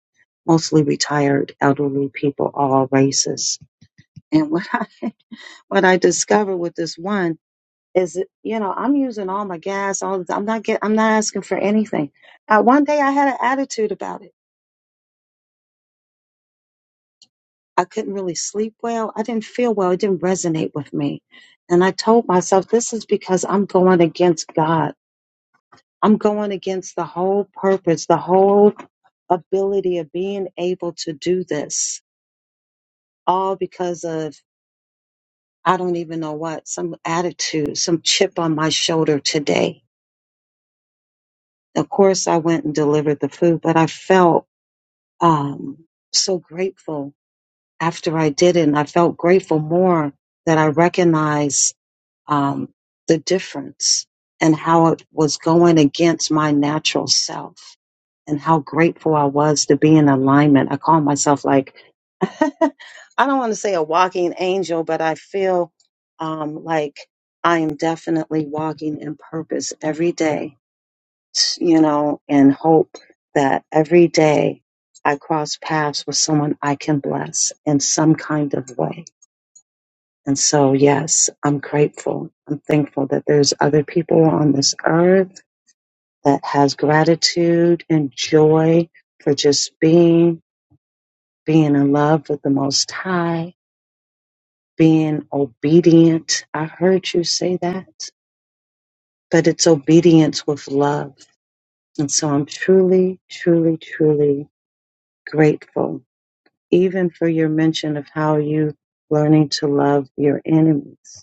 mostly retired elderly people, all races. And what I, what I discovered with this one is, that, you know, I'm using all my gas, all the, I'm not get, I'm not asking for anything. Uh, one day I had an attitude about it. I couldn't really sleep well. I didn't feel well. It didn't resonate with me. And I told myself, this is because I'm going against God. I'm going against the whole purpose, the whole ability of being able to do this, all because of I don't even know what, some attitude, some chip on my shoulder today. Of course, I went and delivered the food, but I felt um, so grateful after I did it. And I felt grateful more that I recognized um, the difference and how it was going against my natural self and how grateful I was to be in alignment. I call myself like, I don't want to say a walking angel, but I feel um, like I am definitely walking in purpose every day, you know, and hope that every day I cross paths with someone I can bless in some kind of way and so, yes, I'm grateful. I'm thankful that there's other people on this earth that has gratitude and joy for just being, being in love with the Most High, being obedient. I heard you say that, but it's obedience with love. And so I'm truly, truly, truly grateful, even for your mention of how you learning to love your enemies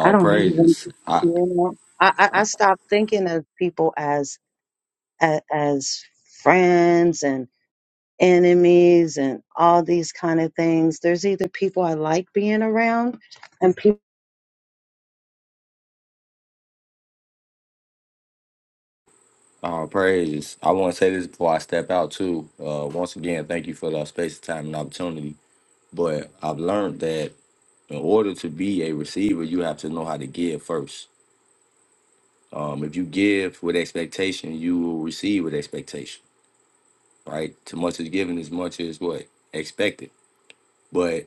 I don't have any- praises. I yeah. I, I I stopped thinking of people as as, as friends and enemies and all these kind of things. There's either people I like being around and people all praises. I want to say this before I step out too. Uh, once again, thank you for the space, time, and opportunity. But I've learned that in order to be a receiver, you have to know how to give first. Um, if you give with expectation, you will receive with expectation. Right? Too much is given as much as what expected. But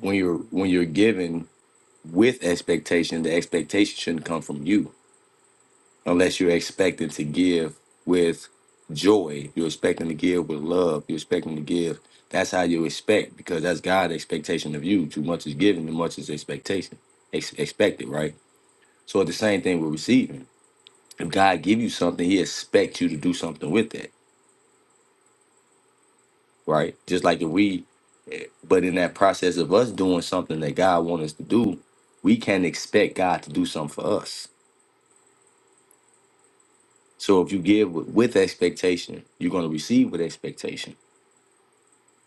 when you're when you're given with expectation, the expectation shouldn't come from you unless you're expecting to give with joy. You're expecting to give with love. You're expecting to give. That's how you expect because that's God's expectation of you. Too much is given, too much is expectation. Ex- expected, right? So it's the same thing with receiving. If God give you something, He expects you to do something with it, right? Just like if we, eh, but in that process of us doing something that God wants us to do, we can expect God to do something for us. So if you give with, with expectation, you're going to receive with expectation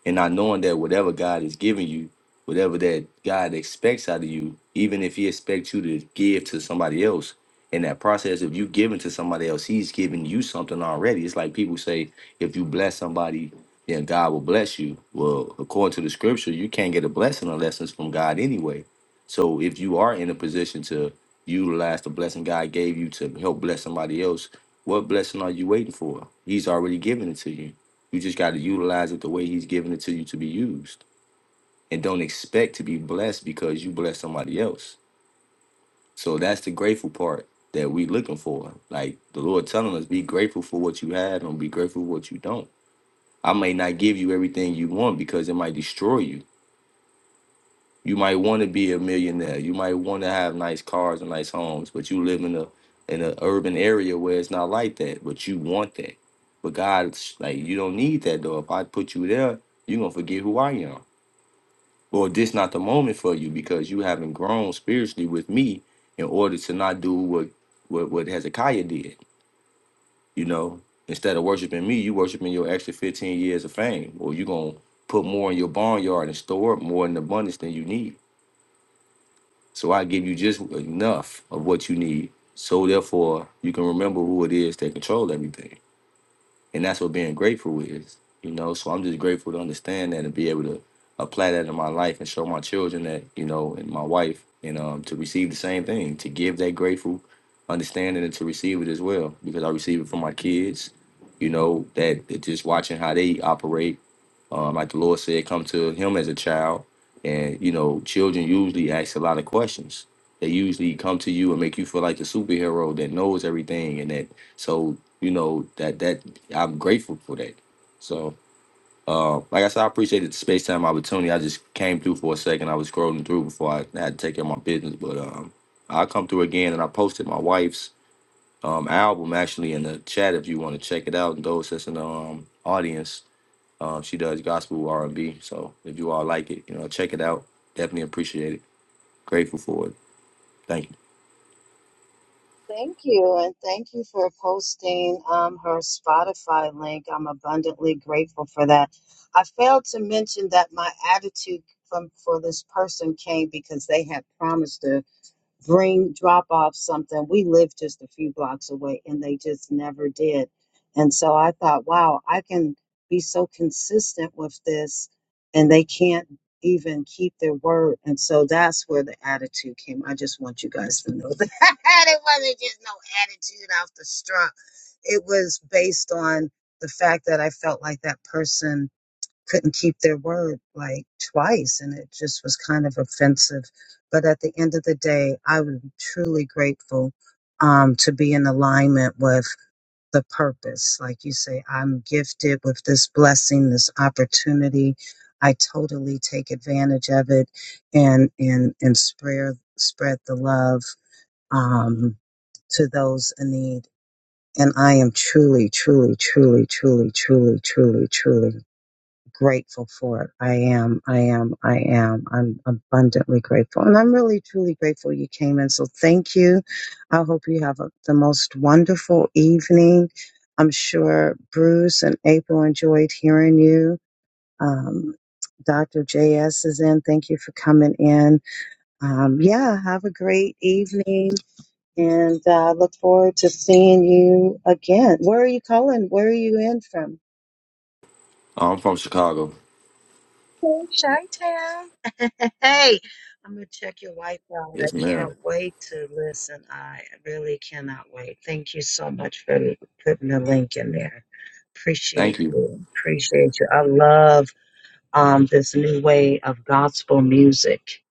and not knowing that whatever God is giving you, whatever that God expects out of you, even if He expects you to give to somebody else, in that process of you giving to somebody else, He's giving you something already. It's like people say, if you bless somebody, then God will bless you. Well, according to the scripture, you can't get a blessing unless it's from God anyway. So if you are in a position to utilize the blessing God gave you to help bless somebody else, what blessing are you waiting for? He's already given it to you. You just got to utilize it the way He's giving it to you to be used, and don't expect to be blessed because you bless somebody else. So that's the grateful part that we looking for. Like the Lord telling us, be grateful for what you had, and be grateful for what you don't. I may not give you everything you want because it might destroy you. You might want to be a millionaire. You might want to have nice cars and nice homes, but you live in a in an urban area where it's not like that. But you want that. But God's like, you don't need that though. If I put you there, you're gonna forget who I am Or this not the moment for you because you haven't grown spiritually with me in order to not do what what, what Hezekiah did, you know. Instead of worshiping me, you worshiping your extra 15 years of fame. Or you're gonna put more in your barnyard and store up more in abundance than you need. So I give you just enough of what you need. So therefore you can remember who it is that control everything. and that's what being grateful is you know so i'm just grateful to understand that and be able to apply that in my life and show my children that you know and my wife and um to receive the same thing to give that grateful understanding and to receive it as well because i receive it from my kids you know that that just watching how they operate um, like the Lord said, come to Him as a child, and you know, children usually ask a lot of questions. They usually come to you and make you feel like the superhero that knows everything, and that so you know that that I'm grateful for that. So, uh, like I said, I appreciated the space time opportunity. I just came through for a second. I was scrolling through before I had to take care of my business, but um, I'll come through again. And I posted my wife's um album actually in the chat if you want to check it out. And those that's in the um audience, um, she does gospel R and B. So if you all like it, you know, check it out. Definitely appreciate it. Grateful for it. Thank you. Thank you, and thank you for posting um, her Spotify link. I'm abundantly grateful for that. I failed to mention that my attitude from for this person came because they had promised to. bring drop off something. We lived just a few blocks away and they just never did. And so I thought, wow, I can be so consistent with this and they can't even keep their word. And so that's where the attitude came. I just want you guys to know that it wasn't just no attitude off the strut. It was based on the fact that I felt like that person couldn't keep their word like twice and it just was kind of offensive but at the end of the day i was truly grateful um, to be in alignment with the purpose like you say i'm gifted with this blessing this opportunity i totally take advantage of it and and and spread spread the love um, to those in need and i am truly truly truly truly truly truly truly grateful for it. I am, I am, I am. I'm abundantly grateful. And I'm really, truly grateful you came in. So thank you. I hope you have a, the most wonderful evening. I'm sure Bruce and April enjoyed hearing you. Um, Dr. JS is in. Thank you for coming in. Um, yeah, have a great evening and I uh, look forward to seeing you again. Where are you calling? Where are you in from? I'm from Chicago. Hey, Chi-Town. Hey, I'm gonna check your wife out. Yes, I can't ma'am. wait to listen. I really cannot wait. Thank you so much for putting the link in there. Thank Appreciate you. you. Appreciate you. I love um this new way of gospel music.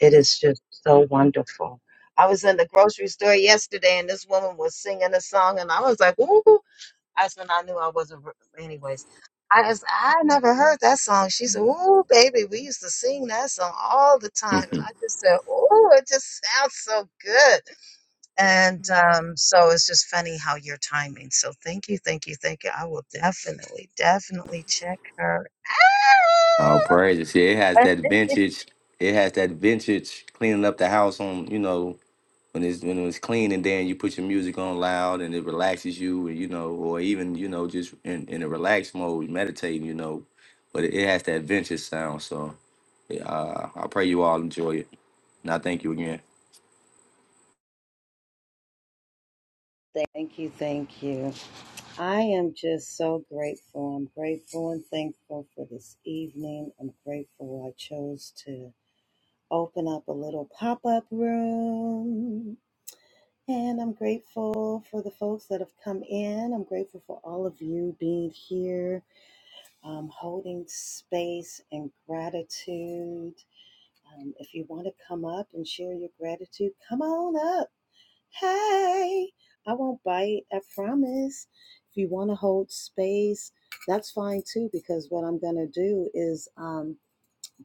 It is just so wonderful. I was in the grocery store yesterday and this woman was singing a song and I was like, ooh. That's when I knew I wasn't. re- Anyways, I just I never heard that song. She said, "Ooh, baby, we used to sing that song all the time," and Mhm. I just said, "Ooh, it just sounds so good." And um, so it's just funny how your timing. So thank you, thank you, thank you. I will definitely, definitely check her oh, praise it. See, it has out. that vintage. It has that vintage cleaning up the house on. You know, when it's when it's clean, and then you put your music on loud, and it relaxes you. And you know, or even you know, just in in a relaxed mode, meditating. You know, but it, it has that vintage sound. So yeah, uh, I pray you all enjoy it. And I thank you again. Thank you, thank you. I am just so grateful. I'm grateful and thankful for this evening. I'm grateful I chose to. open up a little pop up room. And I'm grateful for the folks that have come in. I'm grateful for all of you being here, um, holding space and gratitude. Um, if you want to come up and share your gratitude, come on up. Hey, I won't bite, I promise. If you want to hold space, that's fine too, because what I'm going to do is. Um,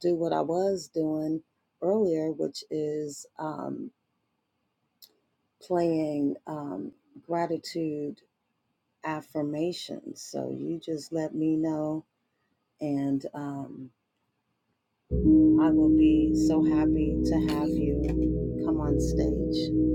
do what I was doing earlier, which is um, playing um, gratitude affirmations. So you just let me know, and um, I will be so happy to have you come on stage.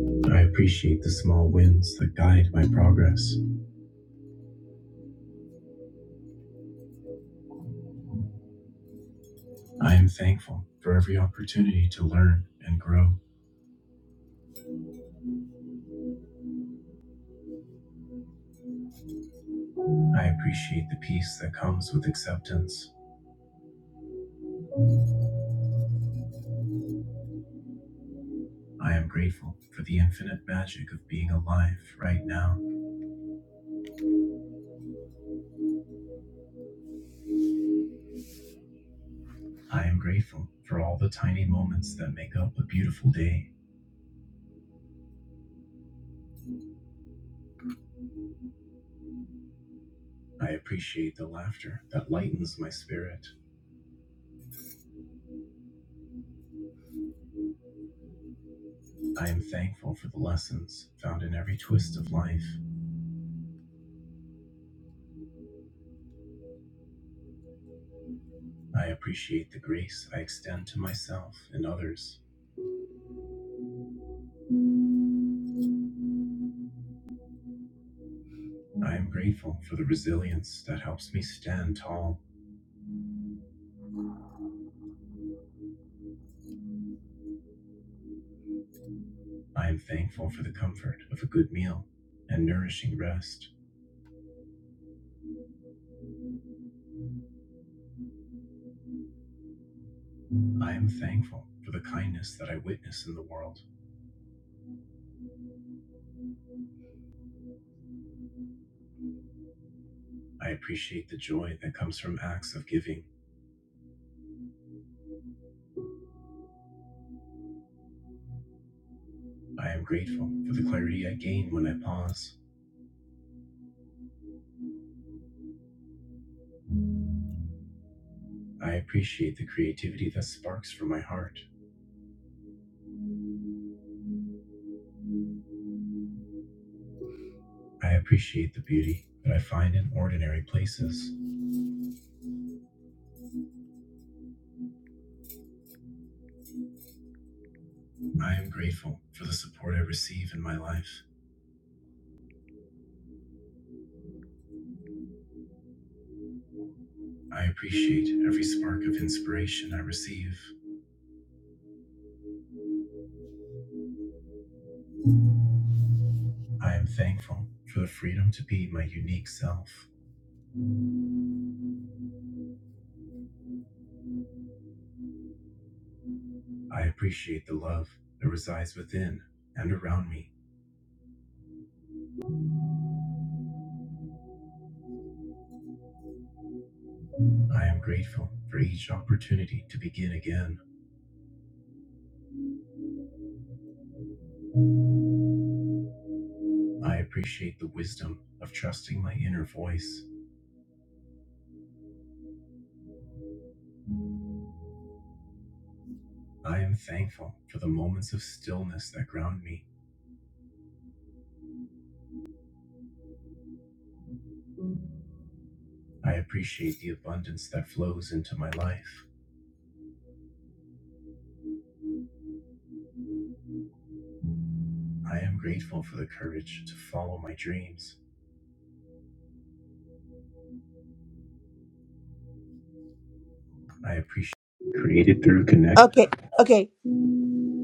Okay. Okay.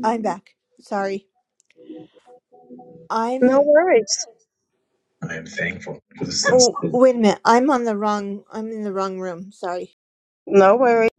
I'm back. Sorry. No I'm. worries. Oh, wait a minute. I'm on the wrong. I'm in the wrong room. Sorry. No worries.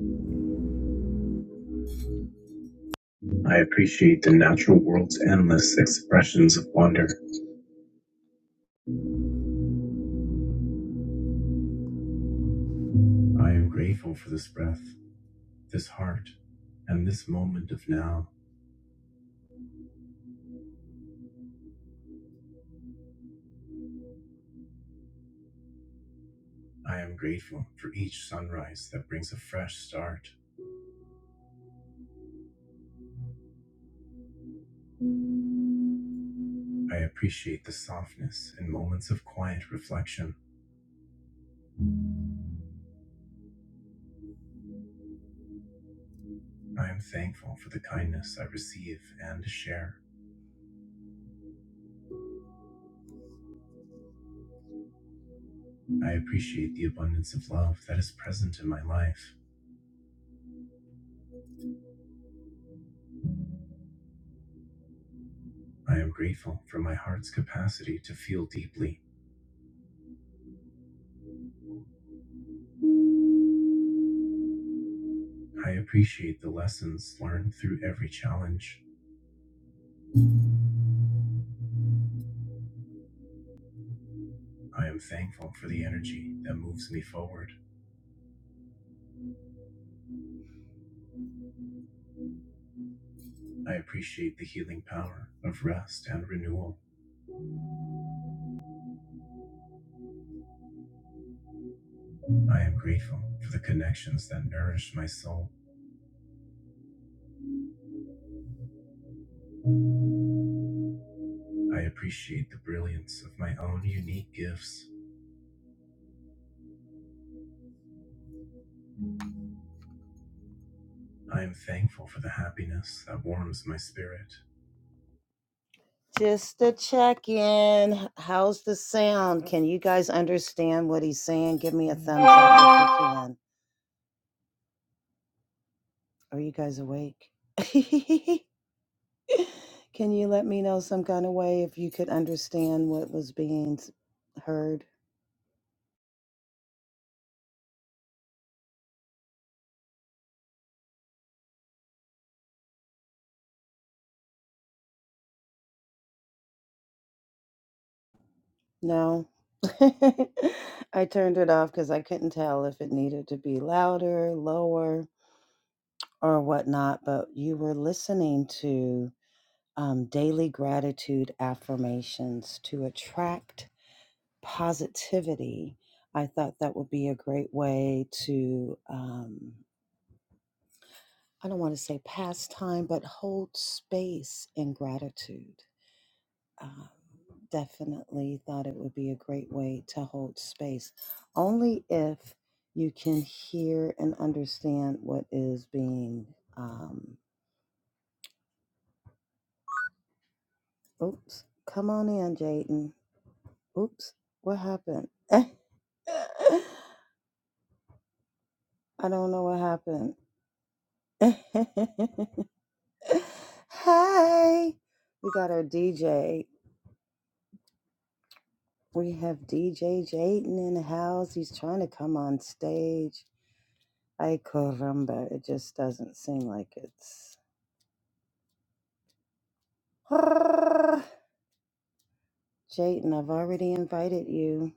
Just to check in, how's the sound? Can you guys understand what he's saying? Give me a thumbs up if you can. Are you guys awake? Can you let me know some kind of way if you could understand what was being s- heard? No. I turned it off because I couldn't tell if it needed to be louder, lower, or whatnot. But you were listening to um, daily gratitude affirmations to attract positivity. I thought that would be a great way to, um, I don't want to say pass time, but hold space in gratitude um, definitely thought it would be a great way to hold space, only if you can hear and understand what is being. Um, oops, come on in, Jaden. Oops, what happened? I don't know what happened. hey, we got our DJ. We have DJ Jaden in the house. He's trying to come on stage. Ay, caramba, it just doesn't seem like it's. Jayden, I've already invited you.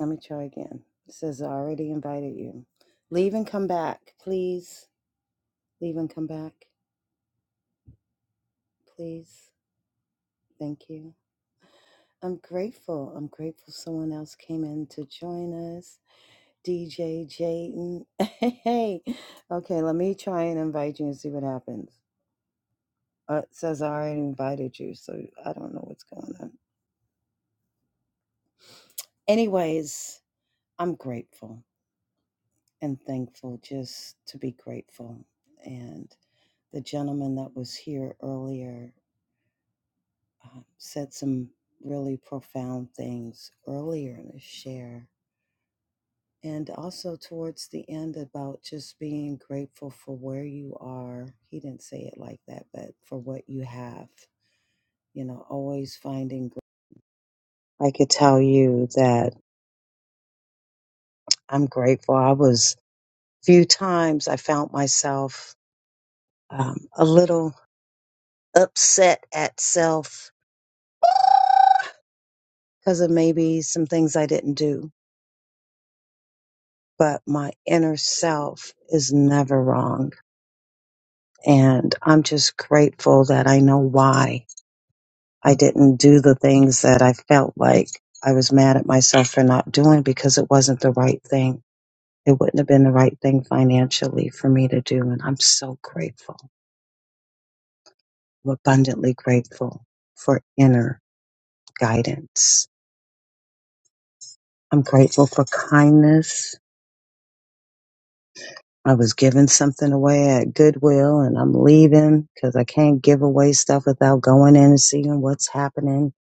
Let me try again. It says I already invited you. Leave and come back, please. Leave and come back, please. Thank you. I'm grateful. I'm grateful someone else came in to join us. DJ Jayden. Hey, okay, let me try and invite you and see what happens. Uh, it says I already invited you, so I don't know what's going on. Anyways, I'm grateful and thankful just to be grateful. And the gentleman that was here earlier uh, said some really profound things earlier in his share. And also towards the end about just being grateful for where you are. He didn't say it like that, but for what you have, you know, always finding. gr- I could tell you that I'm grateful. I was few times I found myself um, a little upset at self because of maybe some things I didn't do. But my inner self is never wrong. And I'm just grateful that I know why I didn't do the things that I felt like I was mad at myself for not doing because it wasn't the right thing. It wouldn't have been the right thing financially for me to do. And I'm so grateful. I'm abundantly grateful for inner guidance. I'm grateful for kindness. I was giving something away at Goodwill and I'm leaving because I can't give away stuff without going in and seeing what's happening.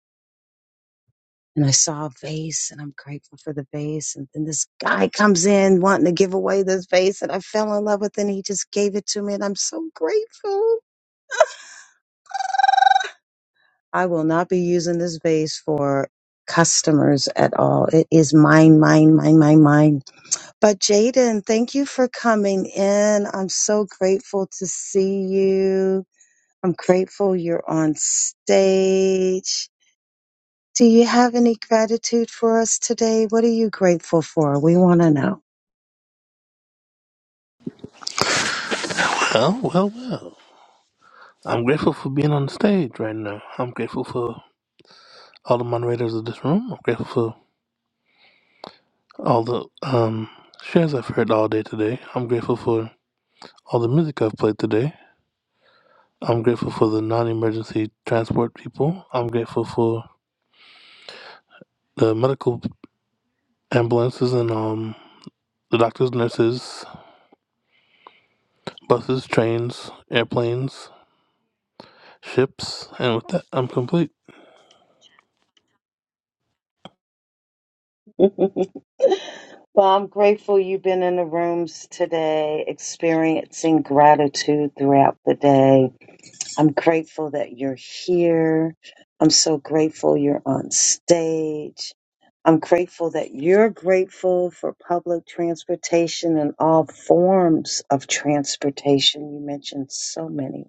And I saw a vase and I'm grateful for the vase. And then this guy comes in wanting to give away this vase that I fell in love with and he just gave it to me and I'm so grateful. I will not be using this vase for customers at all. It is mine, mine, mine, mine, mine. But Jaden, thank you for coming in. I'm so grateful to see you. I'm grateful you're on stage. Do you have any gratitude for us today? What are you grateful for? We want to know. Oh, well, well. I'm grateful for being on the stage right now. I'm grateful for all the moderators of this room. I'm grateful for all the um, shares I've heard all day today. I'm grateful for all the music I've played today. I'm grateful for the non emergency transport people. I'm grateful for the medical ambulances and um, the doctors, nurses, buses, trains, airplanes, ships. And with that, I'm complete. Well, I'm grateful you've been in the rooms today, experiencing gratitude throughout the day. I'm grateful that you're here. I'm so grateful you're on stage. I'm grateful that you're grateful for public transportation and all forms of transportation. You mentioned so many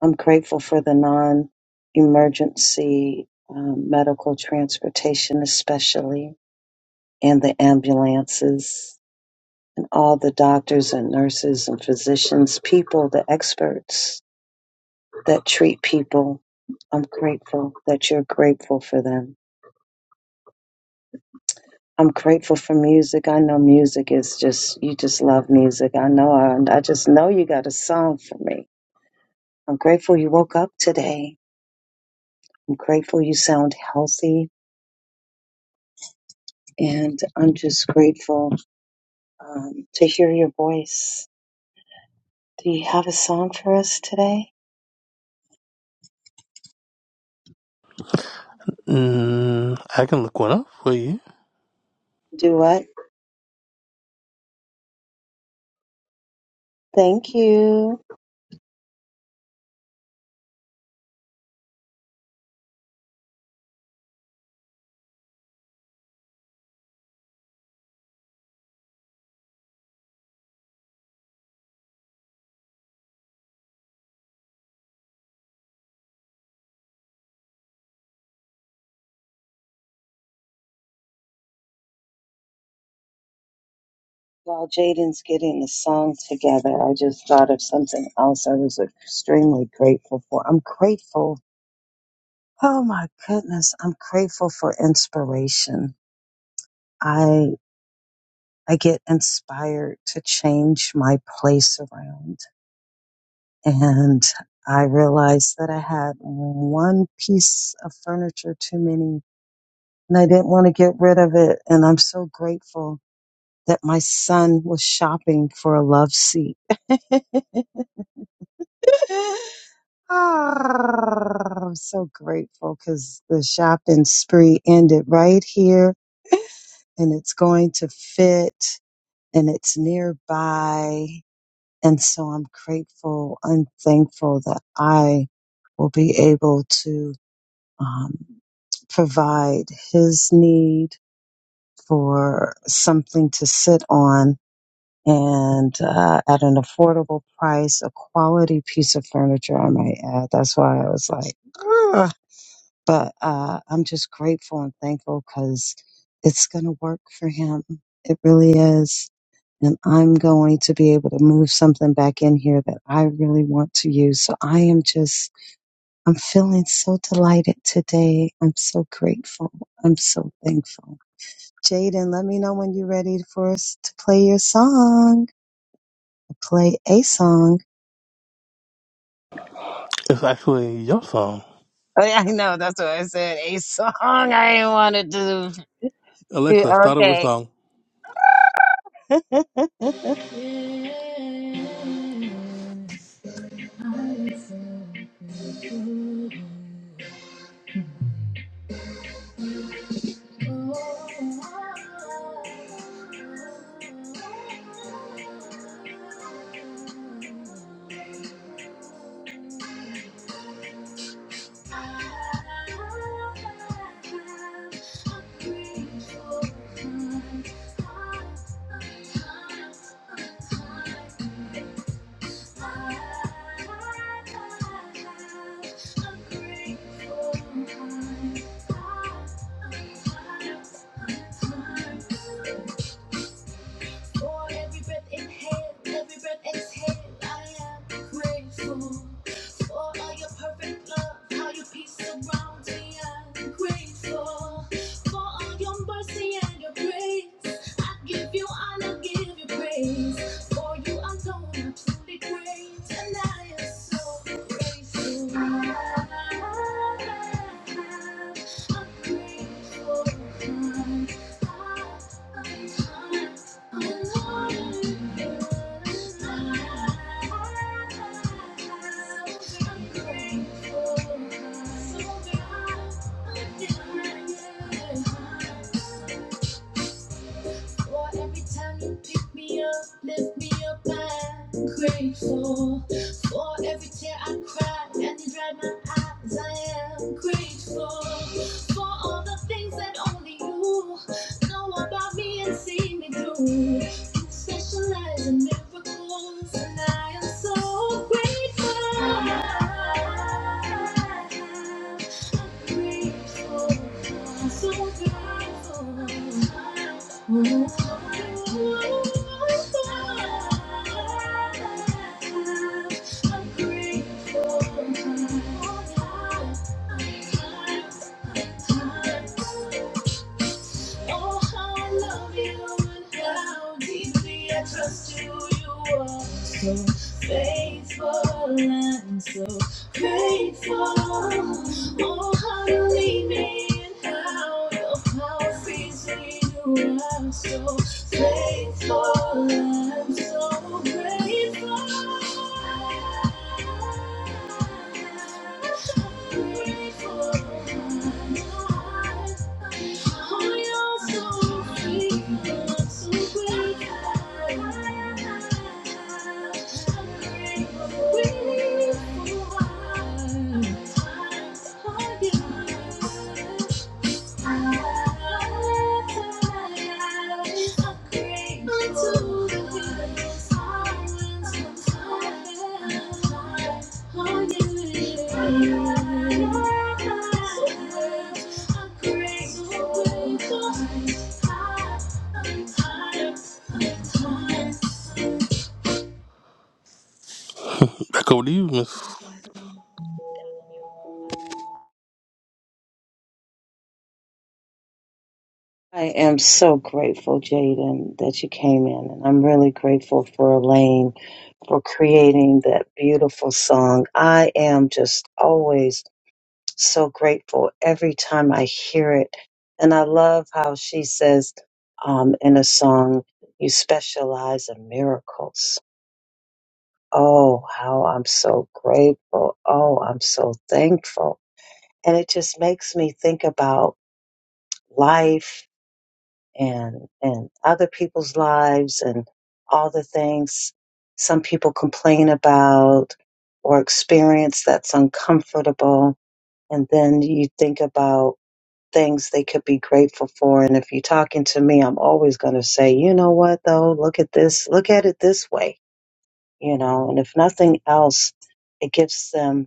I'm grateful for the non emergency um, medical transportation, especially, and the ambulances, and all the doctors and nurses and physicians, people, the experts that treat people. I'm grateful that you're grateful for them. I'm grateful for music. I know music is just, you just love music. I know, I, I just know you got a song for me. I'm grateful you woke up today. I'm grateful you sound healthy and I'm just grateful um, to hear your voice. Do you have a song for us today? Mm, I can look one up for you. Do what? Thank you. While Jaden's getting the song together, I just thought of something else I was extremely grateful for. I'm grateful. Oh my goodness, I'm grateful for inspiration. I I get inspired to change my place around and I realized that I had one piece of furniture too many and I didn't want to get rid of it. And I'm so grateful that my son was shopping for a love seat. Ah, I'm so grateful because the shopping spree ended right here and it's going to fit and it's nearby. And so I'm grateful and thankful that I will be able to um, provide his need for something to sit on and uh, at an affordable price, a quality piece of furniture, I might add. That's why I was like, "Ugh." but uh, I'm just grateful and thankful because it's going to work for him. It really is. And I'm going to be able to move something back in here that I really want to use. So I am just, I'm feeling so delighted today. I'm so grateful. I'm so thankful. Jaden, let me know when you're ready for us to play your song play a song. It's actually your song. Oh, yeah, I know. That's what I said. A song. I wanted to Alexa, start over Okay. song. I have a grateful heart. I have a grateful heart. For every breath inhale, every breath exhale, I am grateful. For all your perfect love, how your peace surrounds me, I'm grateful. For all your mercy and your grace, I give you honor, give you praise. For you alone are truly great, and I am so grateful. Thank you. For every time you pick me up, lift me up, I'm grateful. For every tear I cry and you dry my eyes, I am grateful. For all the things that only you know about me and see me through. Specialize in miracles, and I am so grateful. I'm grateful. I'm so grateful. I'm grateful. Oh, how I love you and how deeply I trust you. You are so faithful and so grateful. Oh, how you lead me and how your power feeds me. You are so faithful and so grateful. Thank you. Back over to you, Miss. I am so grateful, Jaden, that you came in. And I'm really grateful for Elaine for creating that beautiful song. I am just always so grateful every time I hear it. And I love how she says um, in a song, you specialize in miracles Oh, how I'm so grateful. Oh, I'm so thankful. And it just makes me think about life and, and other people's lives and all the things some people complain about or experience that's uncomfortable. And then you think about things they could be grateful for. And if you're talking to me, I'm always going to say, you know what though? Look at this. Look at it this way, you know, and if nothing else, it gives them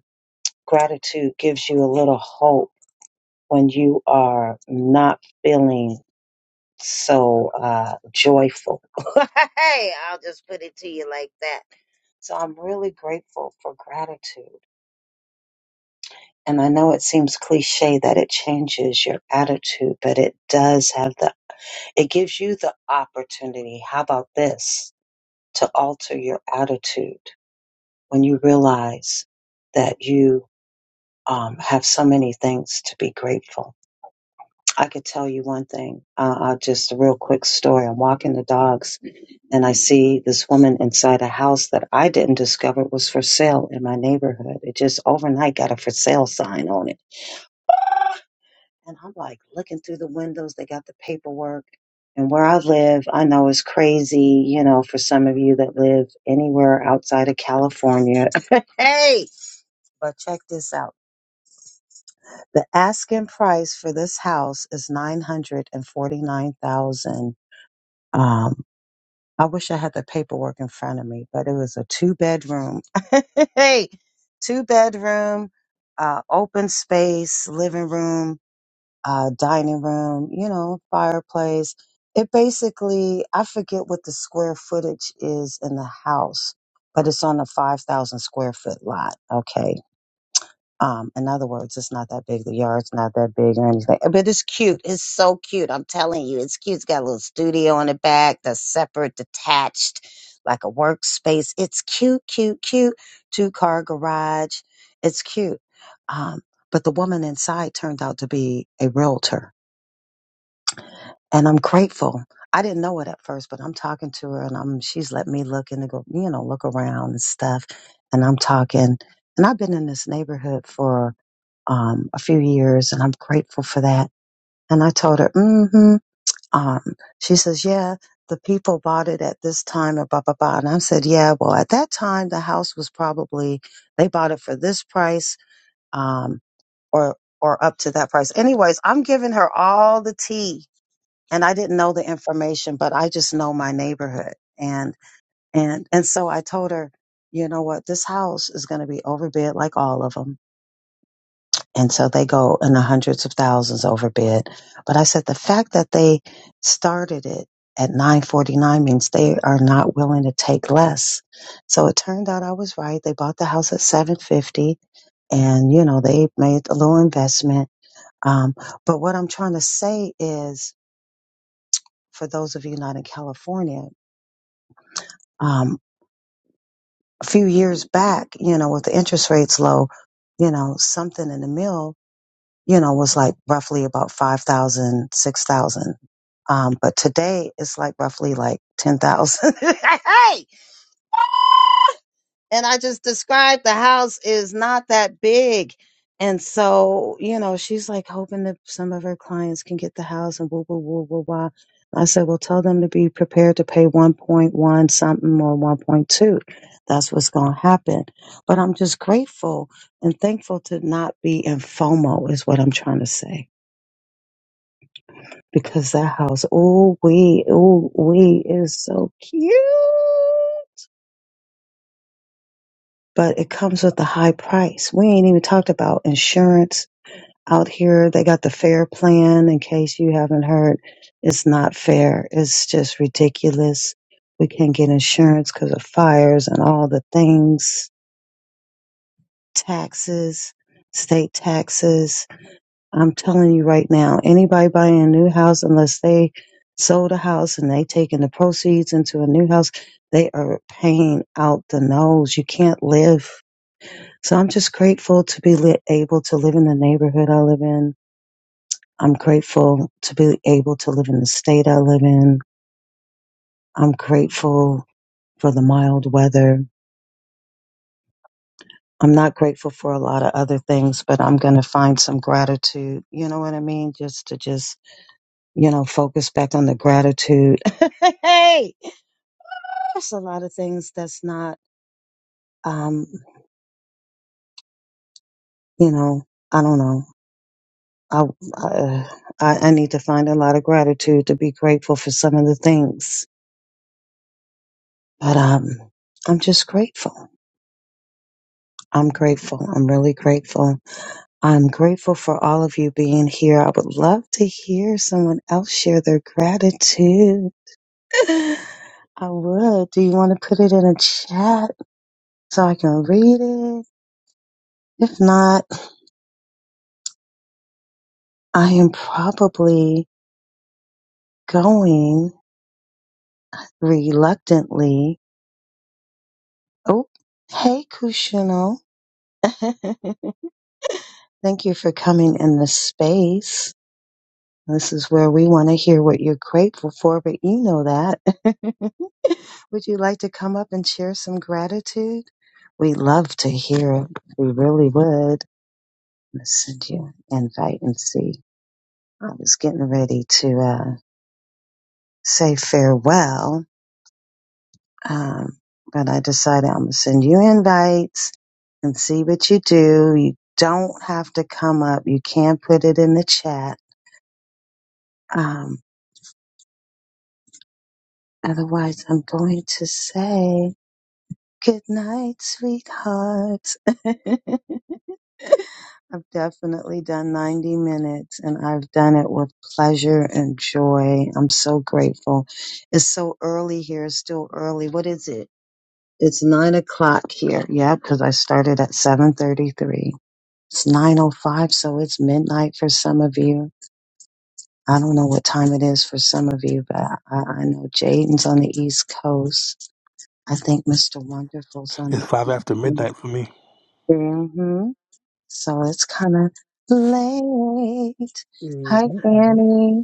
Gratitude gives you a little hope when you are not feeling so uh, joyful. hey, I'll just put it to you like that. So I'm really grateful for gratitude. And I know it seems cliche that it changes your attitude, but it does have the, it gives you the opportunity. How about this? To alter your attitude when you realize that you um, have so many things to be grateful I could tell you one thing, uh, uh, just a real quick story. I'm walking the dogs and I see this woman inside a house that I didn't discover was for sale in my neighborhood. It just overnight got a for sale sign on it. And I'm like looking through the windows, they got the paperwork. And where I live, I know it's crazy, you know, for some of you that live anywhere outside of California. hey, but check this out. The asking price for this house is 949,000. Um, I wish I had the paperwork in front of me, but it was a two bedroom, hey, two bedroom, uh, open space, living room, uh, dining room, you know, fireplace. It basically, I forget what the square footage is in the house, but it's on a 5,000 square foot lot. Okay um, in other words, it's not that big. The yard's not that big or anything, but it's cute. It's so cute. I'm telling you, it's cute. It's got a little studio in the back that's separate, detached, like a workspace. It's cute, cute, cute. Two car garage. It's cute. Um, but the woman inside turned out to be a realtor, and I'm grateful. I didn't know it at first, but I'm talking to her, and I'm she's let me look and go, you know, look around and stuff, and I'm talking, and I've been in this neighborhood for um, a few years, and I'm grateful for that. And I told her, mm-hmm. Um, she says, yeah, the people bought it at this time, and blah, blah, blah. And I said, yeah, well, at that time, the house was probably, they bought it for this price um, or, or up to that price. Anyways, I'm giving her all the tea. And I didn't know the information, but I just know my neighborhood. And, and, and so I told her, you know what? This house is going to be overbid like all of them. And so they go in the hundreds of thousands over bid. But I said the fact that they started it at 949 means they are not willing to take less. So it turned out I was right. They bought the house at 750 and you know, they made a little investment. Um, but what I'm trying to say is for those of you not in California, um, a few years back, you know, with the interest rates low, you know, something in the mill, you know, was like roughly about 5,000, 6,000. Um, but today it's like roughly like 10,000. hey! and I just described the house is not that big. And so, you know, she's like hoping that some of her clients can get the house and woo, woo, woo, woo, wah. I said, well, tell them to be prepared to pay 1.1 something or 1.2. That's what's going to happen. But I'm just grateful and thankful to not be in FOMO is what I'm trying to say because that house, oh we, oh we is so cute. But it comes with a high price. We ain't even talked about insurance out here. They got the fair plan in case you haven't heard. It's not fair. It's just ridiculous. We can't get insurance because of fires and all the things, taxes, state taxes I'm telling you right now, anybody buying a new house, unless they sold a house and they taking the proceeds into a new house, they are paying out the nose. You can't live. So I'm just grateful to be li- able to live in the neighborhood I live in. I'm grateful to be able to live in the state I live in. I'm grateful for the mild weather. I'm not grateful for a lot of other things, but I'm going to find some gratitude. You know what I mean? Just to just you know, focus back on the gratitude. hey, there's a lot of things that's not, um, you know, I don't know. I, I I I need to find a lot of gratitude to be grateful for some of the things, but um, I'm just grateful. I'm grateful. I'm really grateful. I'm grateful for all of you being here. I would love to hear someone else share their gratitude. I would. Do you want to put it in a chat so I can read it? If not, I am probably going reluctantly. Oh, hey, Kushino. Thank you for coming in the space. This is where we want to hear what you're grateful for, but you know that. would you like to come up and share some gratitude? We'd love to hear it. We really would. Let's send you an invite and see. I was getting ready to uh, say farewell Um, but I decided I'm going to send you invites and see what you do. You don't have to come up. You can put it in the chat. Um, otherwise, I'm going to say good night, sweethearts. I've definitely done 90 minutes and I've done it with pleasure and joy. I'm so grateful. It's so early here. It's still early. What is it? It's nine o'clock here. Yeah, because I started at 7:33 It's 9:05, so it's midnight for some of you. I don't know what time it is for some of you, but I, I know Jaden's on the East Coast. I think Mr. Wonderful's on It's the five East after Coast midnight for me. hmm So it's kind of late. Hi, hmm Annie.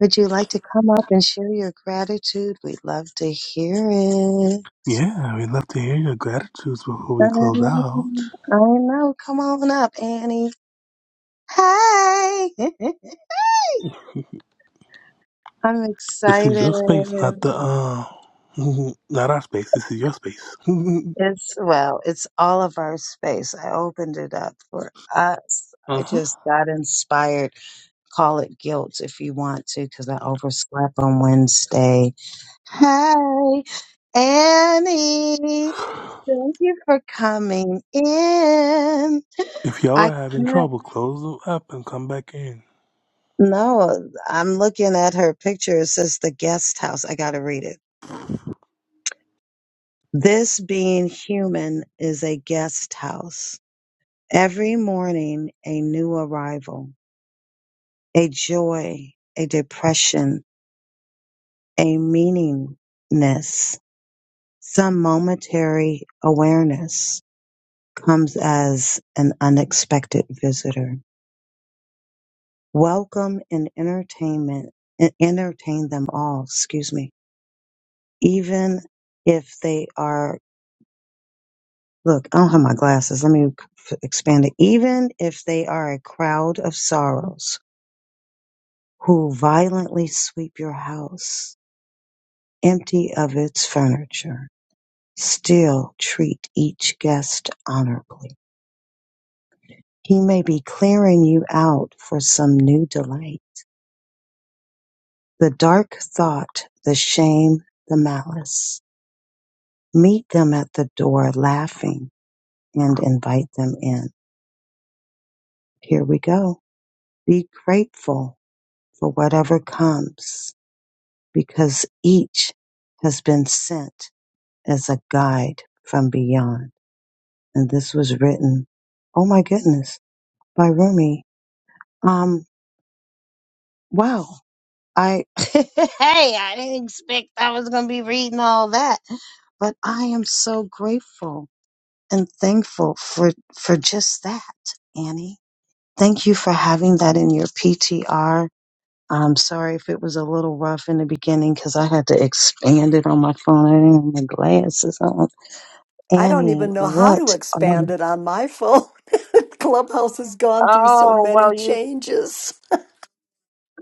Would you like to come up and share your gratitude? We'd love to hear it. Yeah, we'd love to hear your gratitudes before we close out. Um, I know. Come on up, Annie. Hey! I'm This is your excited. space, not the uh, not our space. This is your space. It's well, it's all of our space. I opened it up for us. uh I huh. just got inspired. Call it guilt if you want to, because I overslept on Wednesday. Hey, Annie, thank you for coming in. If y'all I are having can't, trouble, close the app and come back in. no, I'm looking at her picture. It says the guest house. I got to read it. This being human is a guest house. Every morning, a new arrival. a joy, a depression, a meaningness, some momentary awareness comes as an unexpected visitor. Welcome and entertainment, and entertain them all, excuse me, even if they are, look, I don't have my glasses. Let me f- expand it. Even if they are a crowd of sorrows who violently sweep your house empty of its furniture Still treat each guest honorably. He may be clearing you out for some new delight. The dark thought, the shame, the malice. Meet them at the door laughing and invite them in. Here we go. Be grateful for whatever comes because each has been sent as a guide from beyond. And this was written, oh my goodness, by Rumi. Um, wow. I hey, I didn't expect I was gonna be reading all that, but I am so grateful and thankful for for just that, Annie. Thank you for having that in your PTR. I'm sorry if it was a little rough in the beginning because I had to expand it on my phone. I didn't have my glasses on. I don't Annie, even know how to what? expand Um, it on my phone. Clubhouse has gone through so oh many well, you. changes.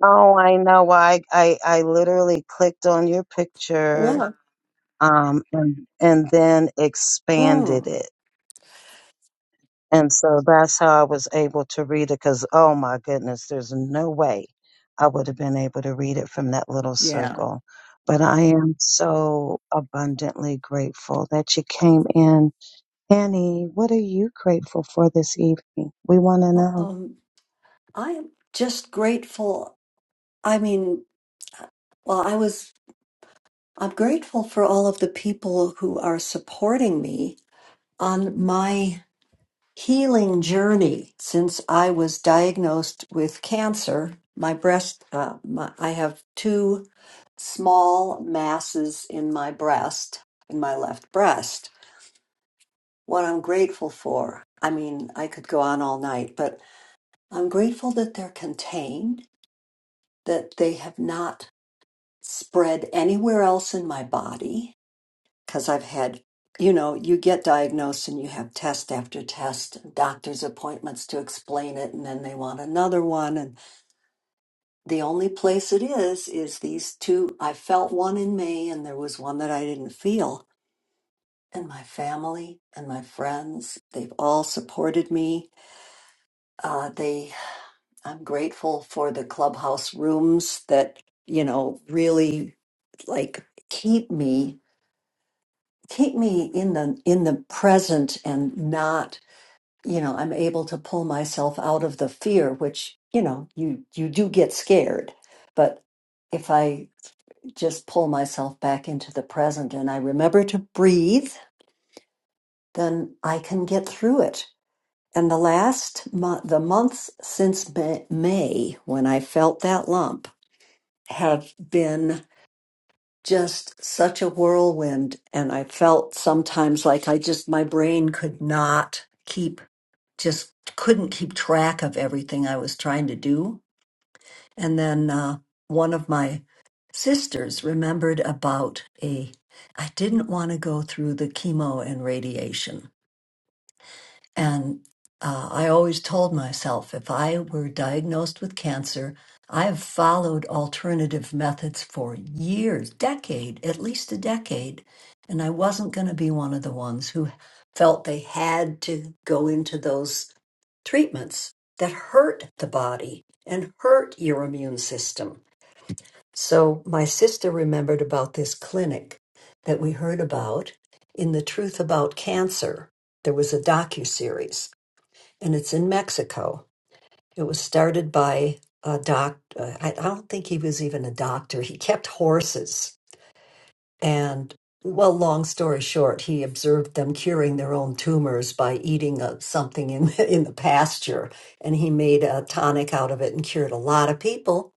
Oh, I know. Well, I I I literally clicked on your picture Yeah. um, and, and then expanded Mm. it. And so that's how I was able to read it because, oh my goodness, there's no way I would have been able to read it from that little Yeah. circle. But I am so abundantly grateful that you came in. Annie, what are you grateful for this evening? We want to know. Um, I am just grateful. I mean, well, I was, I'm grateful for all of the people who are supporting me on my healing journey since I was diagnosed with cancer. My breast, uh, my, I have two small masses in my breast, in my left breast. What I'm grateful for, I mean, I could go on all night, but I'm grateful that they're contained, that they have not spread anywhere else in my body because I've had, you know, you get diagnosed and you have test after test, doctor's appointments to explain it, and then they want another one. And the only place it is, is these two. I felt one in May, and there was one that I didn't feel. And my family and my friends, they've all supported me. Uh, they, I'm grateful for the clubhouse rooms that, you know, really like keep me keep me in the in the present and not you know i'm able to pull myself out of the fear which you know you you do get scared but if i just pull myself back into the present and i remember to breathe then i can get through it and the last mo- the months since Ma- may when i felt that lump have been just such a whirlwind. And I felt sometimes like I just, my brain could not keep, just couldn't keep track of everything I was trying to do. And then uh, one of my sisters remembered about a, I didn't want to go through the chemo and radiation. And uh, I always told myself if I were diagnosed with cancer, I've followed alternative methods for years, decade, at least a decade, and I wasn't going to be one of the ones who felt they had to go into those treatments that hurt the body and hurt your immune system. So my sister remembered about this clinic that we heard about in the Truth About Cancer. There was a docuseries and it's in Mexico. It was started by a doc. uh, I I don't think he was even a doctor. He kept horses. And, well, long story short, he observed them curing their own tumors by eating uh, something in, in the pasture. And he made a tonic out of it and cured a lot of people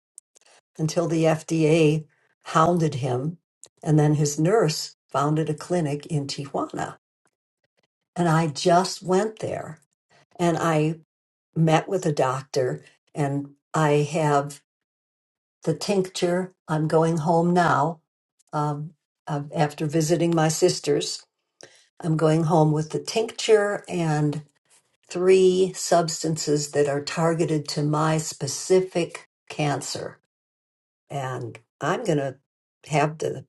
until the FDA hounded him. And then his nurse founded a clinic in Tijuana. And I just went there. And I met with a doctor and I have the tincture. I'm going home now. Um, uh, after visiting my sisters, I'm going home with the tincture and three substances that are targeted to my specific cancer. And I'm going to have the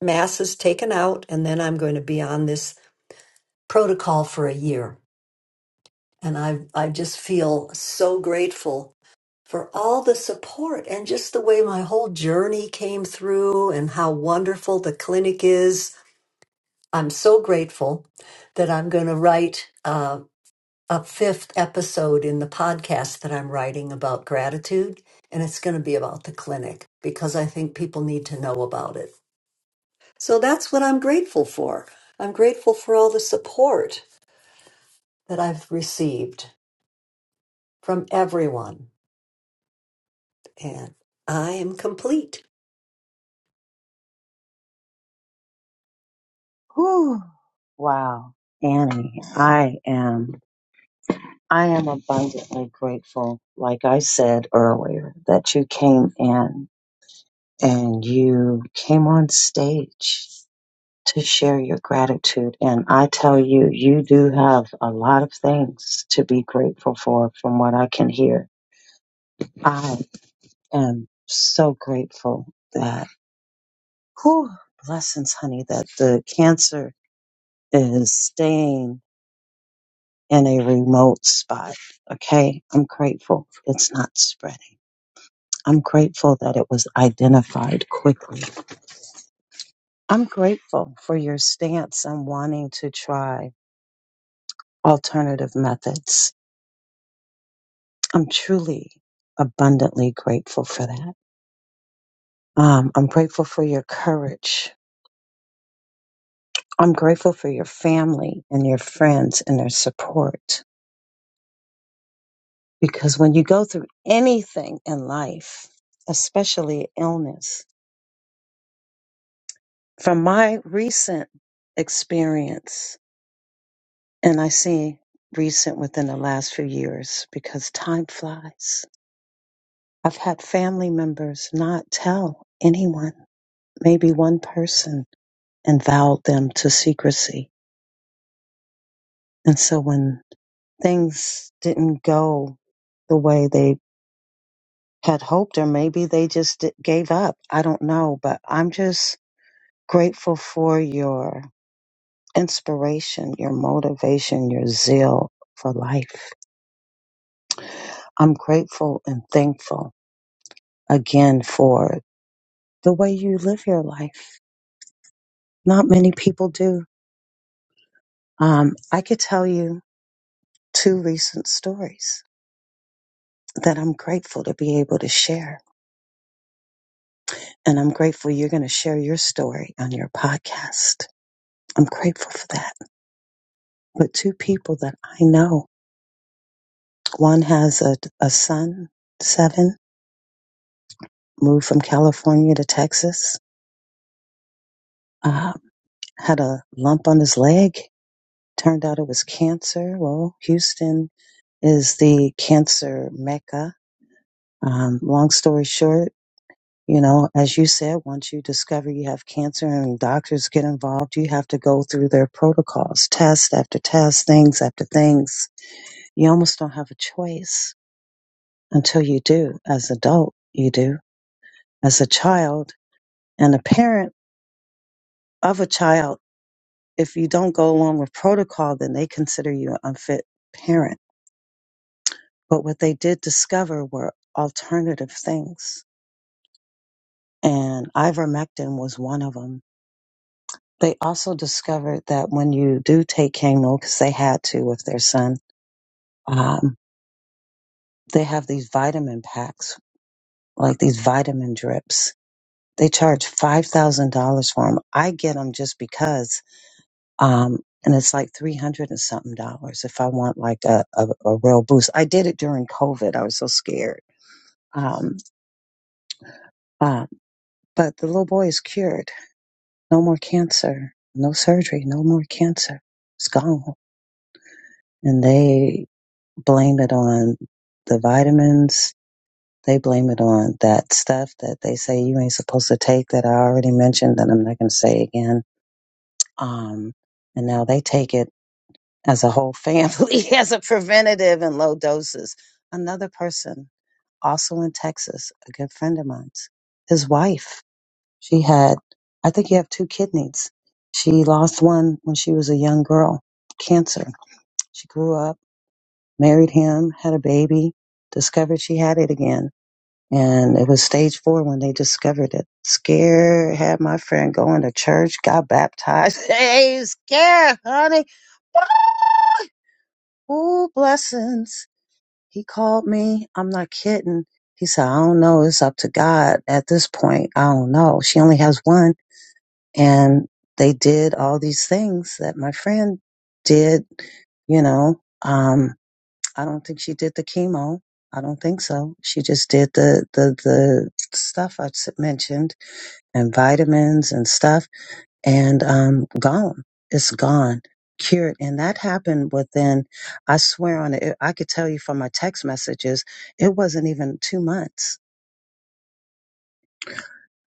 masses taken out and then I'm going to be on this protocol for a year. And I, I just feel so grateful for all the support and just the way my whole journey came through and how wonderful the clinic is. I'm so grateful that I'm going to write uh, a fifth episode in the podcast that I'm writing about gratitude. And it's going to be about the clinic because I think people need to know about it. So that's what I'm grateful for. I'm grateful for all the support that I've received from everyone And I am complete. Whew. Wow. Annie, I am I am abundantly grateful, like I said earlier, that you came in and you came on stage to share your gratitude. And I tell you, you do have a lot of things to be grateful for from what I can hear. I am so grateful that, whew, blessings, honey, that the cancer is staying in a remote spot. Okay. I'm grateful it's not spreading. I'm grateful that it was identified quickly. I'm grateful for your stance on wanting to try alternative methods. I'm truly abundantly grateful for that. Um, I'm grateful for your courage. I'm grateful for your family and your friends and their support. Because when you go through anything in life, especially illness, from my recent experience, and I see recent within the last few years because time flies I've had family members not tell anyone, maybe one person, and vowed them to secrecy. And so when things didn't go the way they had hoped, or maybe they just di- gave up, I don't know. But I'm just grateful for your inspiration, your motivation, your zeal for life. I'm grateful and thankful again for the way you live your life. Not many people do. Um, I could tell you two recent stories that I'm grateful to be able to share. And I'm grateful you're going to share your story on your podcast. I'm grateful for that. But two people that I know one has a, a son, seven, moved from California to Texas, uh, had a lump on his leg. Turned out it was cancer. Well, Houston is the cancer mecca. Um, long story short, You know, as you said, once you discover you have cancer and doctors get involved, you have to go through their protocols, test after test, things after things. You almost don't have a choice until you do. As adult, you do. As a child and a parent of a child, if you don't go along with protocol, then they consider you an unfit parent. But what they did discover were alternative things. And ivermectin was one of them They also discovered that when you do take chemo, because they had to with their son, um, they have these vitamin packs, like these vitamin drips. They charge five thousand dollars for them. I get them just because, um, and it's like three hundred and something dollars if I want like a, a, a real boost. I did it during COVID. I was so scared. Um, uh, but the little boy is cured. No more cancer. No surgery. No more cancer. It's gone and they blame it on the vitamins. They blame it on that stuff that they say you ain't supposed to take that I already mentioned that I'm not going to say again. Um, and now they take it as a whole family as a preventative in low doses. Another person, also in Texas, a good friend of mine's, his wife, she had, I think you have two kidneys. She lost one when she was a young girl, cancer. She grew up married him, had a baby, discovered she had it again. And it was stage four when they discovered it. Scare had my friend going to church, got baptized. Hey, scare, honey. Ooh, blessings. He called me. I'm not kidding. He said, I don't know. It's up to God at this point. I don't know. She only has one. And they did all these things that my friend did, you know. Um, I don't think she did the chemo. I don't think so. She just did the the the stuff I s- mentioned and vitamins and stuff, and um, gone. It's gone, cured, and that happened within. I swear on it. I could tell you from my text messages, it wasn't even two months.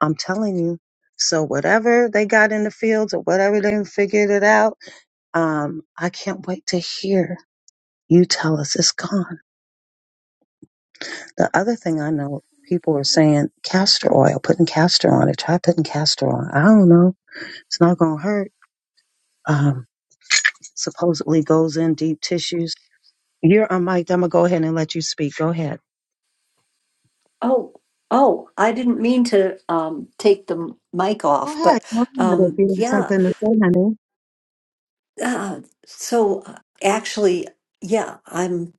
I'm telling you. So whatever they got in the fields or whatever they figured it out, um, I can't wait to hear you tell us it's gone. The other thing I know, people are saying castor oil, putting castor on it. Try putting castor on. I don't know. It's not going to hurt. Um, supposedly goes in deep tissues. You're on mic. I'm going to go ahead and let you speak. Go ahead. Oh, oh, I didn't mean to um, take the m- mic Go off, ahead. but Go ahead if um, you have yeah. something to say, honey. Uh, so uh, actually, yeah, I'm,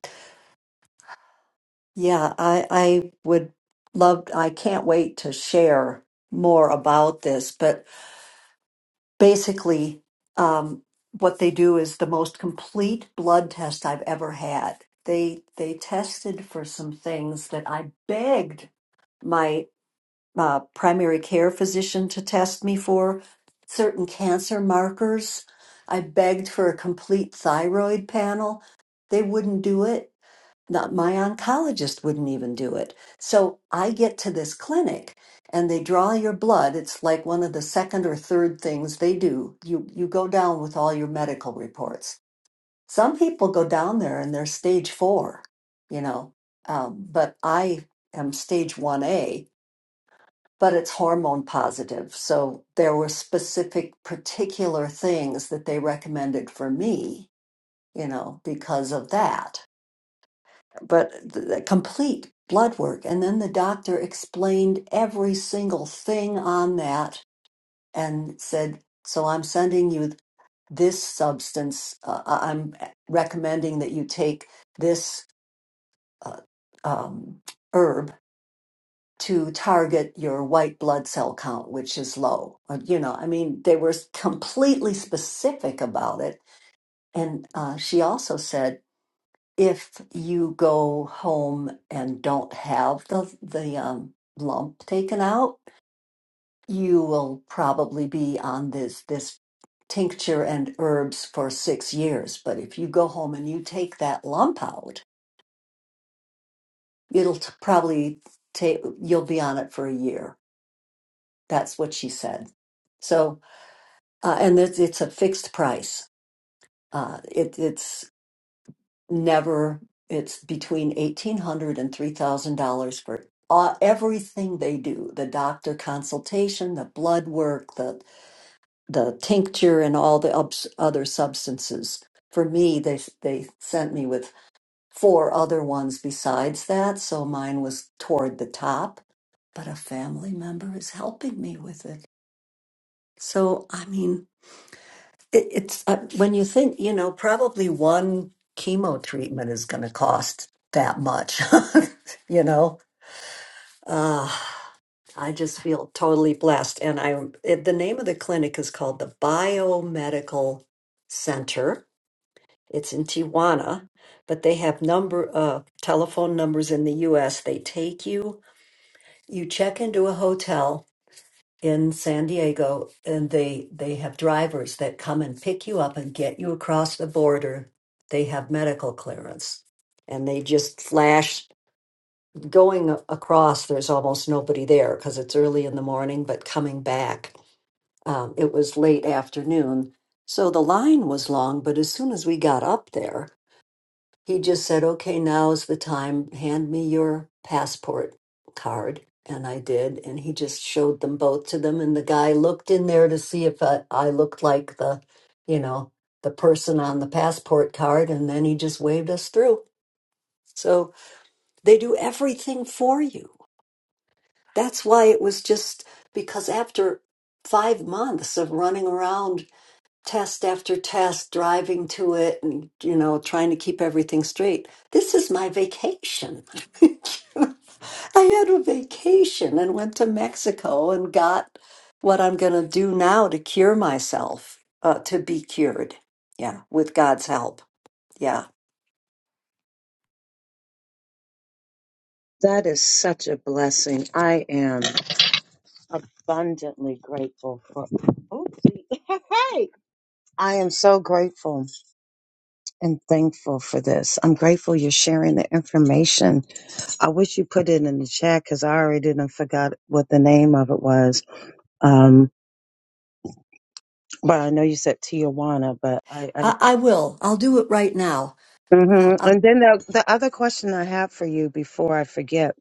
yeah, I, I would love, I can't wait to share more about this, but basically, um, what they do is the most complete blood test I've ever had. They they tested for some things that I begged uh, primary care physician to test me for certain cancer markers. I begged for a complete thyroid panel. They wouldn't do it. Not my oncologist wouldn't even do it. So I get to this clinic and they draw your blood. It's like one of the second or third things they do. You you go down with all your medical reports. Some people go down there and they're stage four, you know, um, but I am stage one A but it's hormone positive. So there were specific, particular things that they recommended for me, you know, because of that. But the, the complete blood work. And then the doctor explained every single thing on that and said, So I'm sending you this substance. Uh, I- I'm recommending that you take this uh, um, herb to target your white blood cell count, which is low. Uh, You know, I mean, they were completely specific about it. And uh, she also said, if you go home and don't have the the um, lump taken out, you will probably be on this this tincture and herbs for six years. But if you go home and you take that lump out, it'll t- probably take you'll be on it for a year. That's what she said. So uh, and it's, it's a fixed price. Uh, it, it's never it's between eighteen hundred and three thousand dollars for uh, everything they do: the doctor consultation, the blood work, the the tincture, and all the ups, other substances. For me, they they sent me with four other ones besides that, so mine was toward the top. But a family member is helping me with it. So I mean, It, it's uh, when you think, you know, probably one chemo treatment is going to cost that much, you know. Uh, I just feel totally blessed. And I, it, the name of the clinic is called the Biomedical Center. It's in Tijuana, but they have number, uh, telephone numbers in the U.S. They take you, you check into a hotel, in San Diego, and they they have drivers that come and pick you up and get you across the border. They have medical clearance, and they just flash going a- across. There's almost nobody there because it's early in the morning. But coming back, um, it was late afternoon, so the line was long. But as soon as we got up there. He just said, okay, now is the time. Hand me your passport card. And I did. And he just showed them both to them. And the guy looked in there to see if I, I looked like the, you know, the person on the passport card. And then he just waved us through. So they do everything for you. That's why it was just because after five months of running around test after test, driving to it and, you know, trying to keep everything straight. This is my vacation. I had a vacation and went to Mexico and got what I'm going to do now to cure myself, uh, to be cured. Yeah, with God's help. Yeah, That is such a blessing. I am abundantly grateful for. Oopsie. Hey, I am so grateful and thankful for this. I'm grateful you're sharing the information. I wish you put it in the chat because I already didn't forgot what the name of it was. Um, but I know you said Tijuana, but I. I I, I will. I'll do it right now. hmm I'll, I'll, And then the, the other question I have for you before I forget,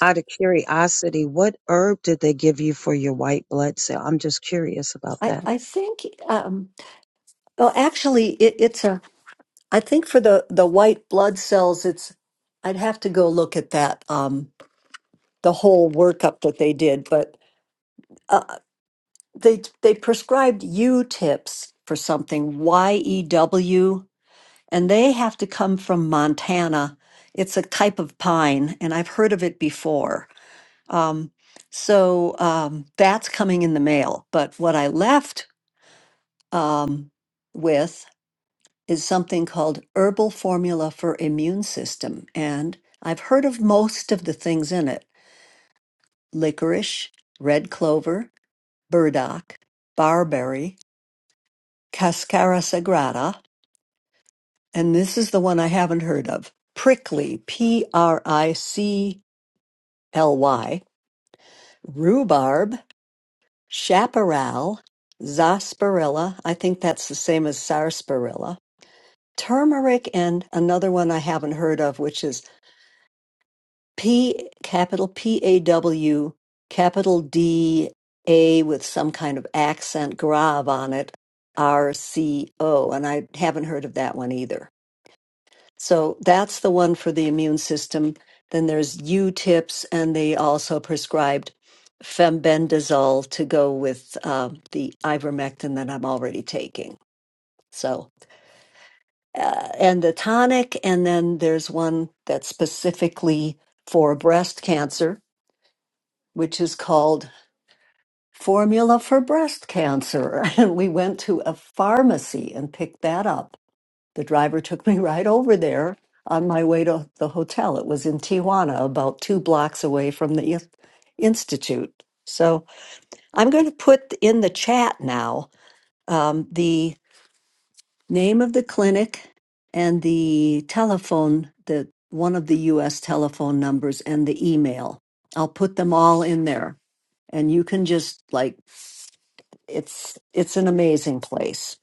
out of curiosity, what herb did they give you for your white blood cell? I'm just curious about I, that. I think, um, well, actually, it, it's a, I think for the, the white blood cells, it's, I'd have to go look at that. Um, the whole workup that they did, but uh, they they prescribed U tips for something Y E W, and they have to come from Montana. It's a type of pine, and I've heard of it before. Um, so um, that's coming in the mail. But what I left um, with is something called herbal formula for immune system, and I've heard of most of the things in it: licorice, red clover, burdock, barberry, cascara sagrada, and this is the one I haven't heard of prickly, P R I C L Y, rhubarb, chaparral, sarsaparilla, I think that's the same as sarsaparilla, turmeric, and another one I haven't heard of, which is P capital P A W capital D A with some kind of accent grave on it R C O and I haven't heard of that one either. So that's the one for the immune system. Then there's U tips and they also prescribed fembendazole to go with uh, the ivermectin that I'm already taking. So uh, and the tonic and then there's one that's specifically for breast cancer which is called Formula for Breast Cancer. And we went to a pharmacy and picked that up. The driver took me right over there on my way to the hotel. It was in Tijuana, about two blocks away from the in- institute. So I'm going to put in the chat now um, the name of the clinic and the telephone, the one of the U.S. telephone numbers and the email. I'll put them all in there and you can just like It's it's an amazing place.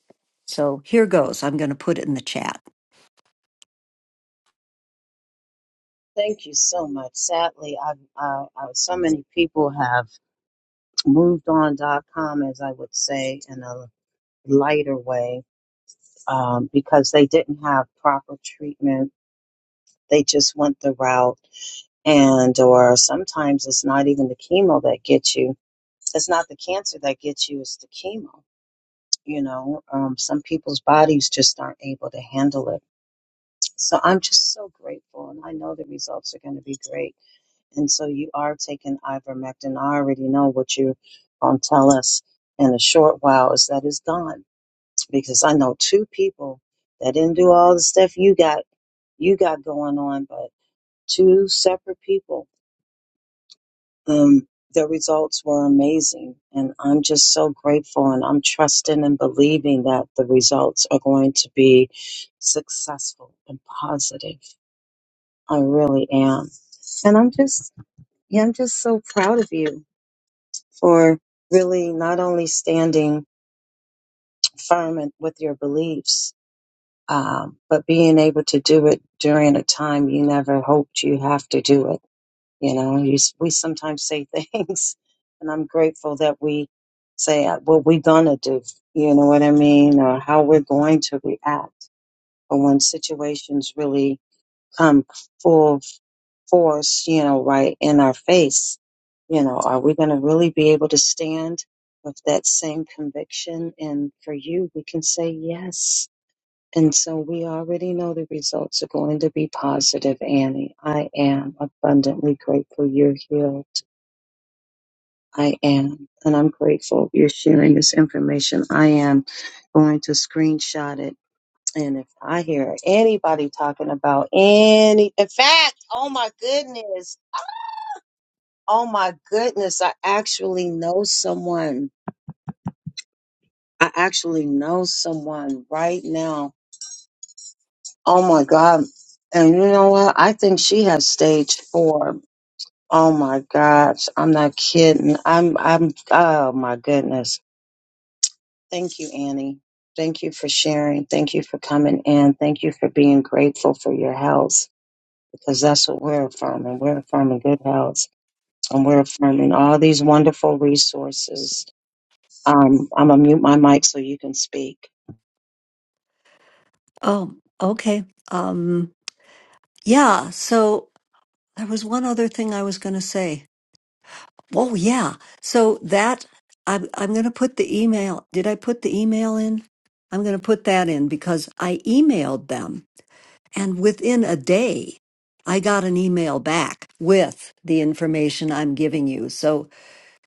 So here goes. I'm going to put it in the chat. Thank you so much. Sadly, I've, uh, uh, so many people have moved on dot com, as I would say, and uh, lighter way um, because they didn't have proper treatment. They just went the route, and or sometimes it's not even the chemo that gets you. It's not the cancer that gets you. It's the chemo. You know, um, some people's bodies just aren't able to handle it. So I'm just so grateful, and I know the results are going to be great. And so you are taking ivermectin. I already know what you're going to tell us in a short while is that it's gone because I know two people that didn't do all the stuff you got you got going on, but two separate people. Um, the results were amazing, and I'm just so grateful, and I'm trusting and believing that the results are going to be successful and positive. I really am, and I'm just yeah, I'm just so proud of you for really not only standing firm in- with your beliefs Um, but being able to do it during a time you never hoped you have to do it, you know, you, s- we sometimes say things, and I'm grateful that we say uh, what we're gonna do, you know what I mean, or how we're going to react. But when situations really come full force, you know, right in our face, you know, are we gonna really be able to stand with that same conviction? And for you, we can say yes and so we already know the results are going to be positive, Annie. I am abundantly grateful you're healed. I am. And I'm grateful you're sharing this information. I am going to screenshot it. And if I hear anybody talking about any, in fact, oh my goodness, oh my goodness, I actually know someone. I actually know someone right now. Oh my God. And you know what? I think she has stage four Oh my gosh, I'm not kidding. I'm I'm oh my goodness. Thank you, Annie. Thank you for sharing. Thank you for coming in. Thank you for being grateful for your health because that's what we're affirming. We're affirming good health and we're affirming all these wonderful resources um, I'm gonna mute my mic so you can speak. Oh, okay. Um, yeah, so there was one other thing I was going to say. Oh, yeah. So that I'm I'm going to put the email. Did I put the email in? I'm going to put that in because I emailed them and within a day I got an email back with the information I'm giving you. So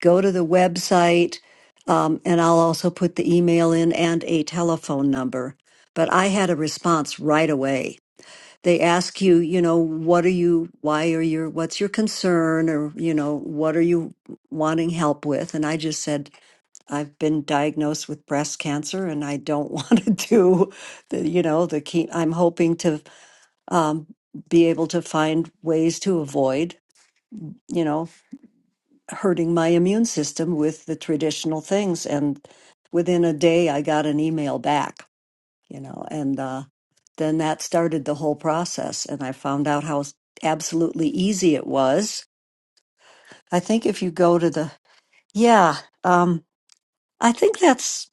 go to the website, um, and I'll also put the email in and a telephone number. But I had a response right away. They ask you, you know, what are you, why are you, what's your concern, or, you know, what are you wanting help with? And I just said, I've been diagnosed with breast cancer and I don't want to do the, you know, the key. I'm hoping to be able to find ways to avoid, you know, hurting my immune system with the traditional things. And within a day, I got an email back, you know, and uh, then that started the whole process. And I found out how s- absolutely easy it was. I think if you go to the, yeah, um, I think that's,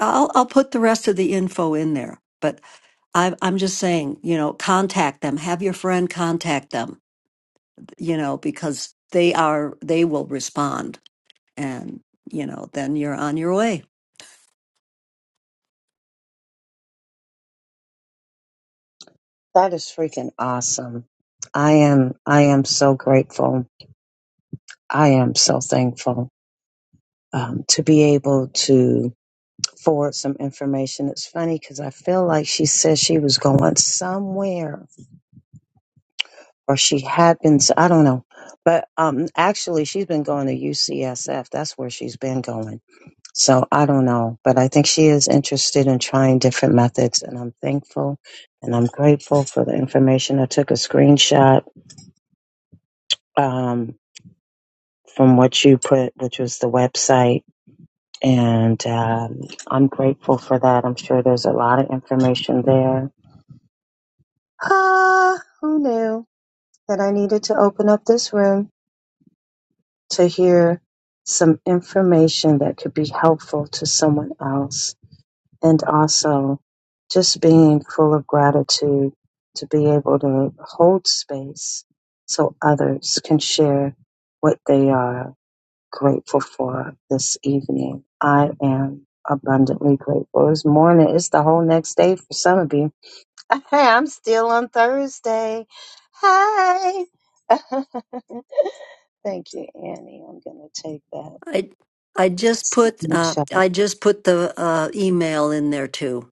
I'll, I'll put the rest of the info in there. But I, I'm just saying, you know, contact them, have your friend contact them, you know, because they are, they will respond. And, you know, then you're on your way. That is freaking awesome. I am I am so grateful. I am so thankful um, to be able to forward some information. It's funny because I feel like she said she was going somewhere or she had been, s- I don't know. But um, actually, she's been going to UCSF. That's where she's been going. So I don't know. But I think she is interested in trying different methods. And I'm thankful and I'm grateful for the information. I took a screenshot um, from what you put, which was the website And um, I'm grateful for that. I'm sure there's a lot of information there. Ah, who knew that I needed to open up this room to hear some information that could be helpful to someone else? And also just being full of gratitude to be able to hold space so others can share what they are grateful for this evening. I am abundantly grateful. It's morning. It's the whole next day for some of you. Hey, I'm still on Thursday. Hi. Thank you, Annie. I'm going to take that. I I just put uh, Michelle. I just put the uh, email in there too.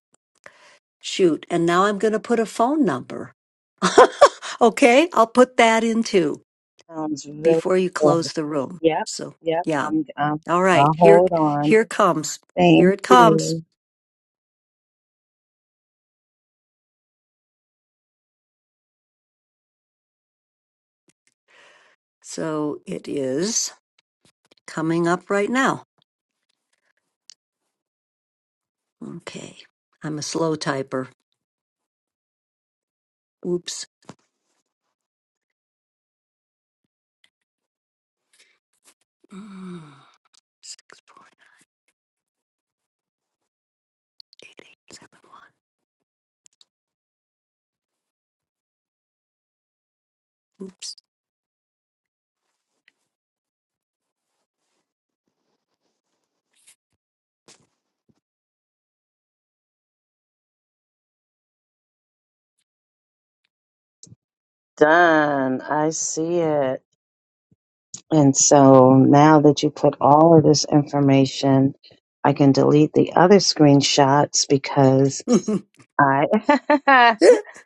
Shoot, and now I'm going to put a phone number. okay, I'll put that in too Sounds really before you good. close the room. Yep, So yep. yeah, I'm, I'm, all right. I'll Here hold on. here comes here Thank it comes. you. So it is coming up right now. Okay, I'm a slow typer. Oops. Mm, Six point eight eight seven one. Done. I see it. And so now that you put all of this information, I can delete the other screenshots because Oops. I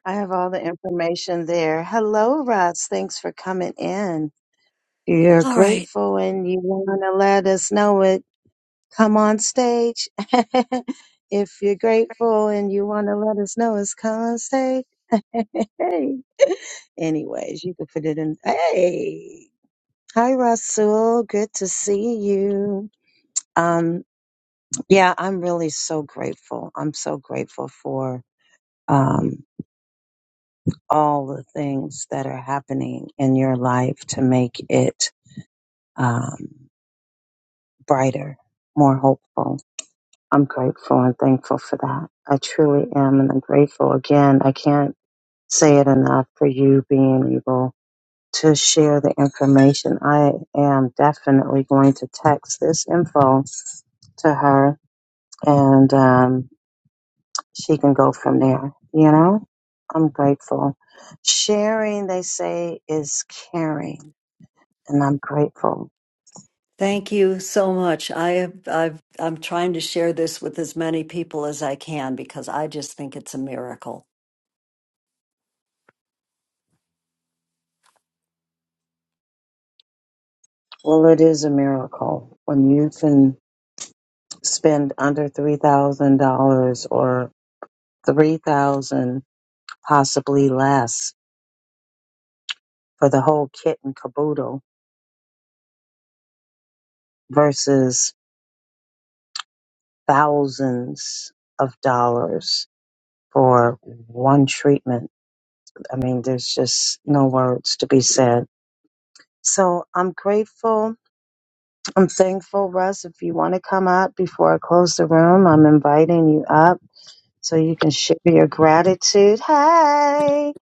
I have all the information there. Hello, Ross. Thanks for coming in. You're all right. grateful and you want to let us know it. Come on stage. if you're grateful and you want to let us know it's come on stage. Hey. Anyways, you can put it in. Hey. Hi, Russell. Good to see you. Um, yeah, I'm really so grateful. I'm so grateful for um, all the things that are happening in your life to make it um, brighter, more hopeful. I'm grateful and thankful for that. I truly am. And I'm grateful again. I can't say it enough for you being able to share the information. I am definitely going to text this info to her and um, she can go from there. You know, I'm grateful. Sharing, they say, is caring, and I'm grateful. Thank you so much. I have, I've, I'm trying to share this with as many people as I can because I just think it's a miracle. Well, it is a miracle when you can spend under three thousand dollars or three thousand, possibly less, for the whole kit and caboodle. versus thousands of dollars for one treatment. I mean, there's just no words to be said. So I'm grateful. I'm thankful, Russ. If you want to come up before I close the room, I'm inviting you up so you can share your gratitude. Hey,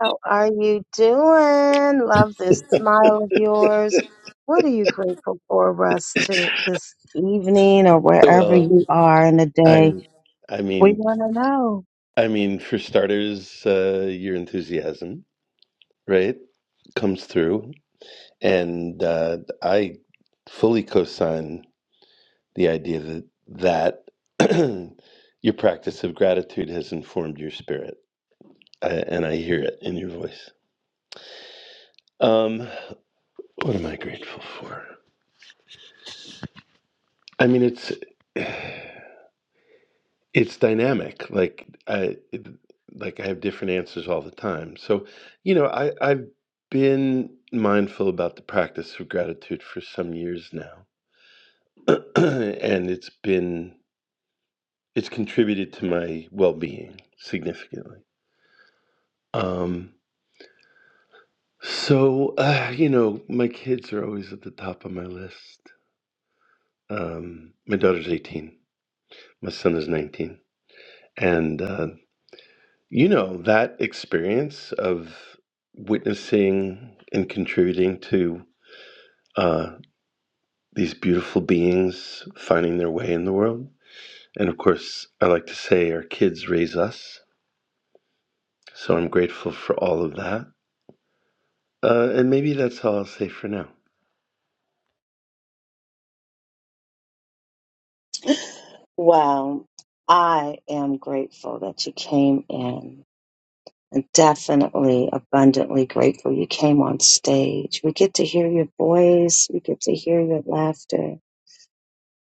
how are you doing? Love this smile of yours. What are you grateful for, Russ, to this evening or wherever Well, you are in the day? I'm. I We mean, want to know. I mean, for starters, uh, your enthusiasm, right, comes through, and uh, I fully co-sign the idea that that your practice of gratitude has informed your spirit, I, and I hear it in your voice. Um, what am I grateful for? I mean, it's. it's dynamic like i it, like i have different answers all the time so you know i i've been mindful about the practice of gratitude for some years now and it's been it's contributed to my well-being significantly um so uh, you know my kids are always at the top of my list um my daughter's 18 my son is 19 and uh, You know, that experience of witnessing and contributing to uh, these beautiful beings finding their way in the world. And of course, I like to say our kids raise us. So I'm grateful for all of that. Uh, and maybe that's all I'll say for now. Well, I am grateful that you came in and definitely abundantly grateful you came on stage. We get to hear your voice, we get to hear your laughter,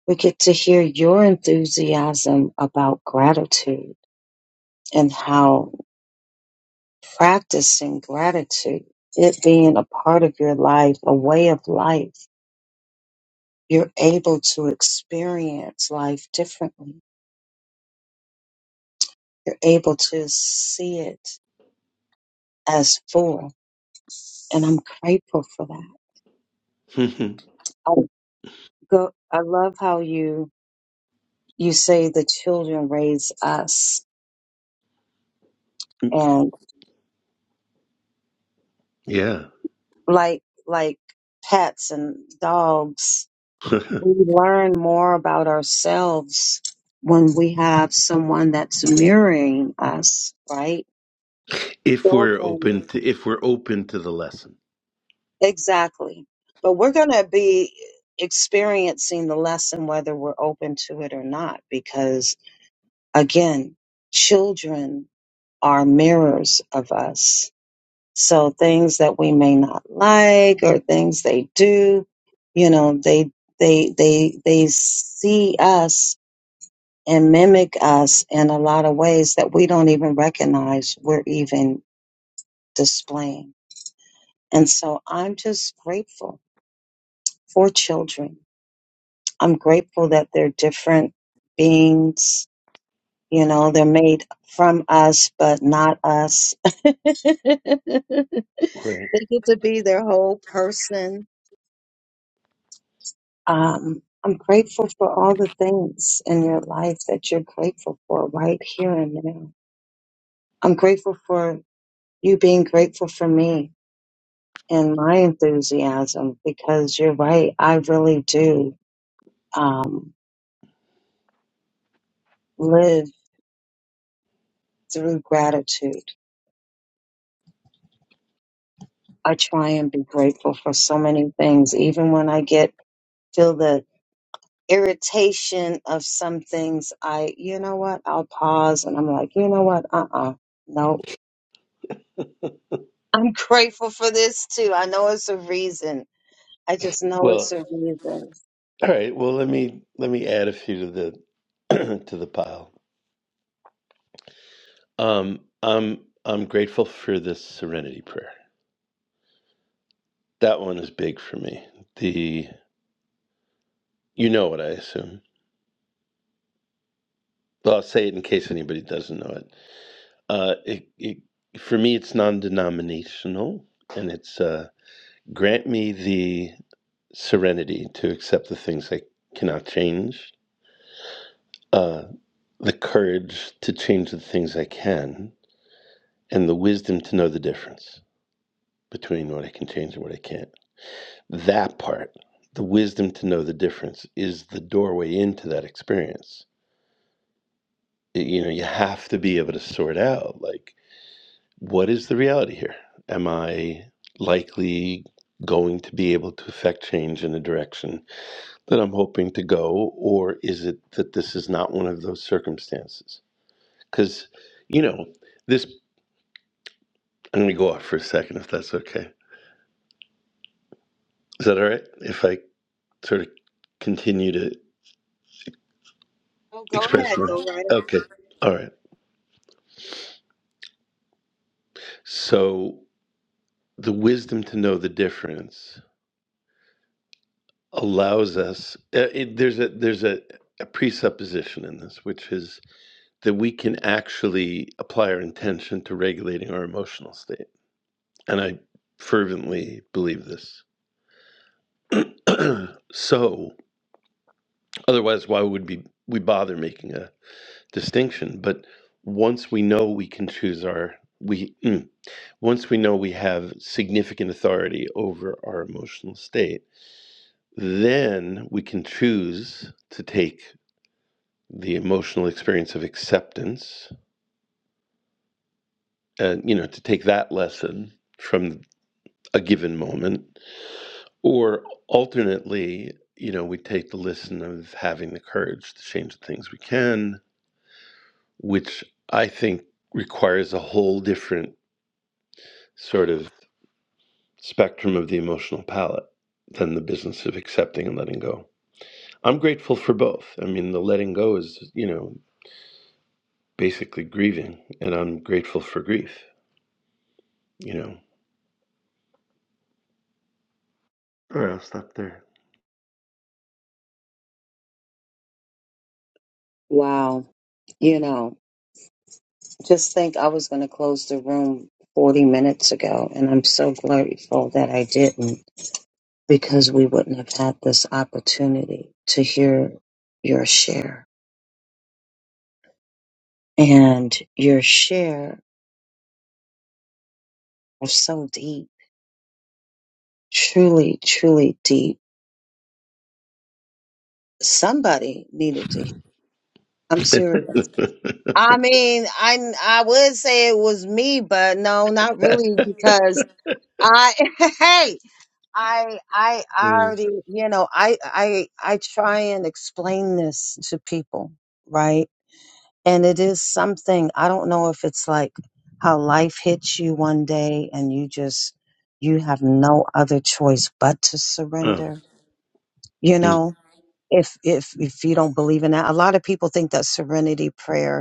we get to hear your enthusiasm about gratitude and how practicing gratitude, it being a part of your life, a way of life, you're able to experience life differently You're able to see it as full. And I'm grateful for that. I go I love how you you say the children raise us and yeah. like like pets and dogs, we learn more about ourselves when we have someone that's mirroring us, right? If we're Children. open to if we're open to the lesson. Exactly. But we're gonna be experiencing the lesson whether we're open to it or not because Again, children are mirrors of us. So things that we may not like or things they do, you know, they they they they see us and mimic us in a lot of ways that we don't even recognize we're even displaying. And so I'm just grateful for children. I'm grateful that they're different beings You know, they're made from us, but not us. they get Right. to be their whole person. Um, I'm grateful for all the things in your life that you're grateful for right here and now. I'm grateful for you being grateful for me and my enthusiasm because you're right. I really do um, live through gratitude. I try and be grateful for so many things, even when I get feel the irritation of some things, I, you know what, I'll pause and I'm like, you know what, uh uh nope. I'm grateful for this too. I know it's a reason. I just know it's Well, a reason. all right. Well, let me let me add a few to the to the pile. Um, I'm I'm grateful for this serenity prayer. That one is big for me. The you know what I assume. Well, I'll say it in case anybody doesn't know it. Uh, it, it for me, it's non-denominational, and it's uh, Grant me the serenity to accept the things I cannot change, uh, the courage to change the things I can, and the wisdom to know the difference between what I can change and what I can't. That part, the wisdom to know the difference, is the doorway into that experience. You know, you have to be able to sort out like, what is the reality here? Am I likely going to be able to affect change in a direction that I'm hoping to go, or is it that this is not one of those circumstances? Because, you know, this, I'm going to go off for a second if that's okay. Is that all right? If I sort of continue to Oh, go express ahead, my. go right. Okay. All right. So the wisdom to know the difference allows us, uh, it, there's a, there's a, a presupposition in this, which is that we can actually apply our intention to regulating our emotional state. And I fervently believe this so otherwise why would be we bother making a distinction but once we know we can choose our we mm, once we know we have significant authority over our emotional state then we can choose to take the emotional experience of acceptance and you know to take that lesson from a given moment or alternately you know we take the lesson of having the courage to change the things we can which I think requires a whole different sort of spectrum of the emotional palette than the business of accepting and letting go. I'm grateful for both. I mean, the letting go is, you know, basically grieving, and I'm grateful for grief, you know. All right, I'll stop there. Wow, you know. Just think I was going to close the room 40 minutes ago, and I'm so grateful that I didn't because we wouldn't have had this opportunity to hear your share. And your share was so deep, truly, truly deep. Somebody needed to hear. I'm serious. I mean, I I would say it was me, but no, not really because I hey I I Mm. already, you know, I I I try and explain this to people, right? And it is something, I don't know if it's like how life hits you one day and you just you have no other choice but to Oh, surrender. You mm. know, if if if you don't believe in that, a lot of people think that serenity prayer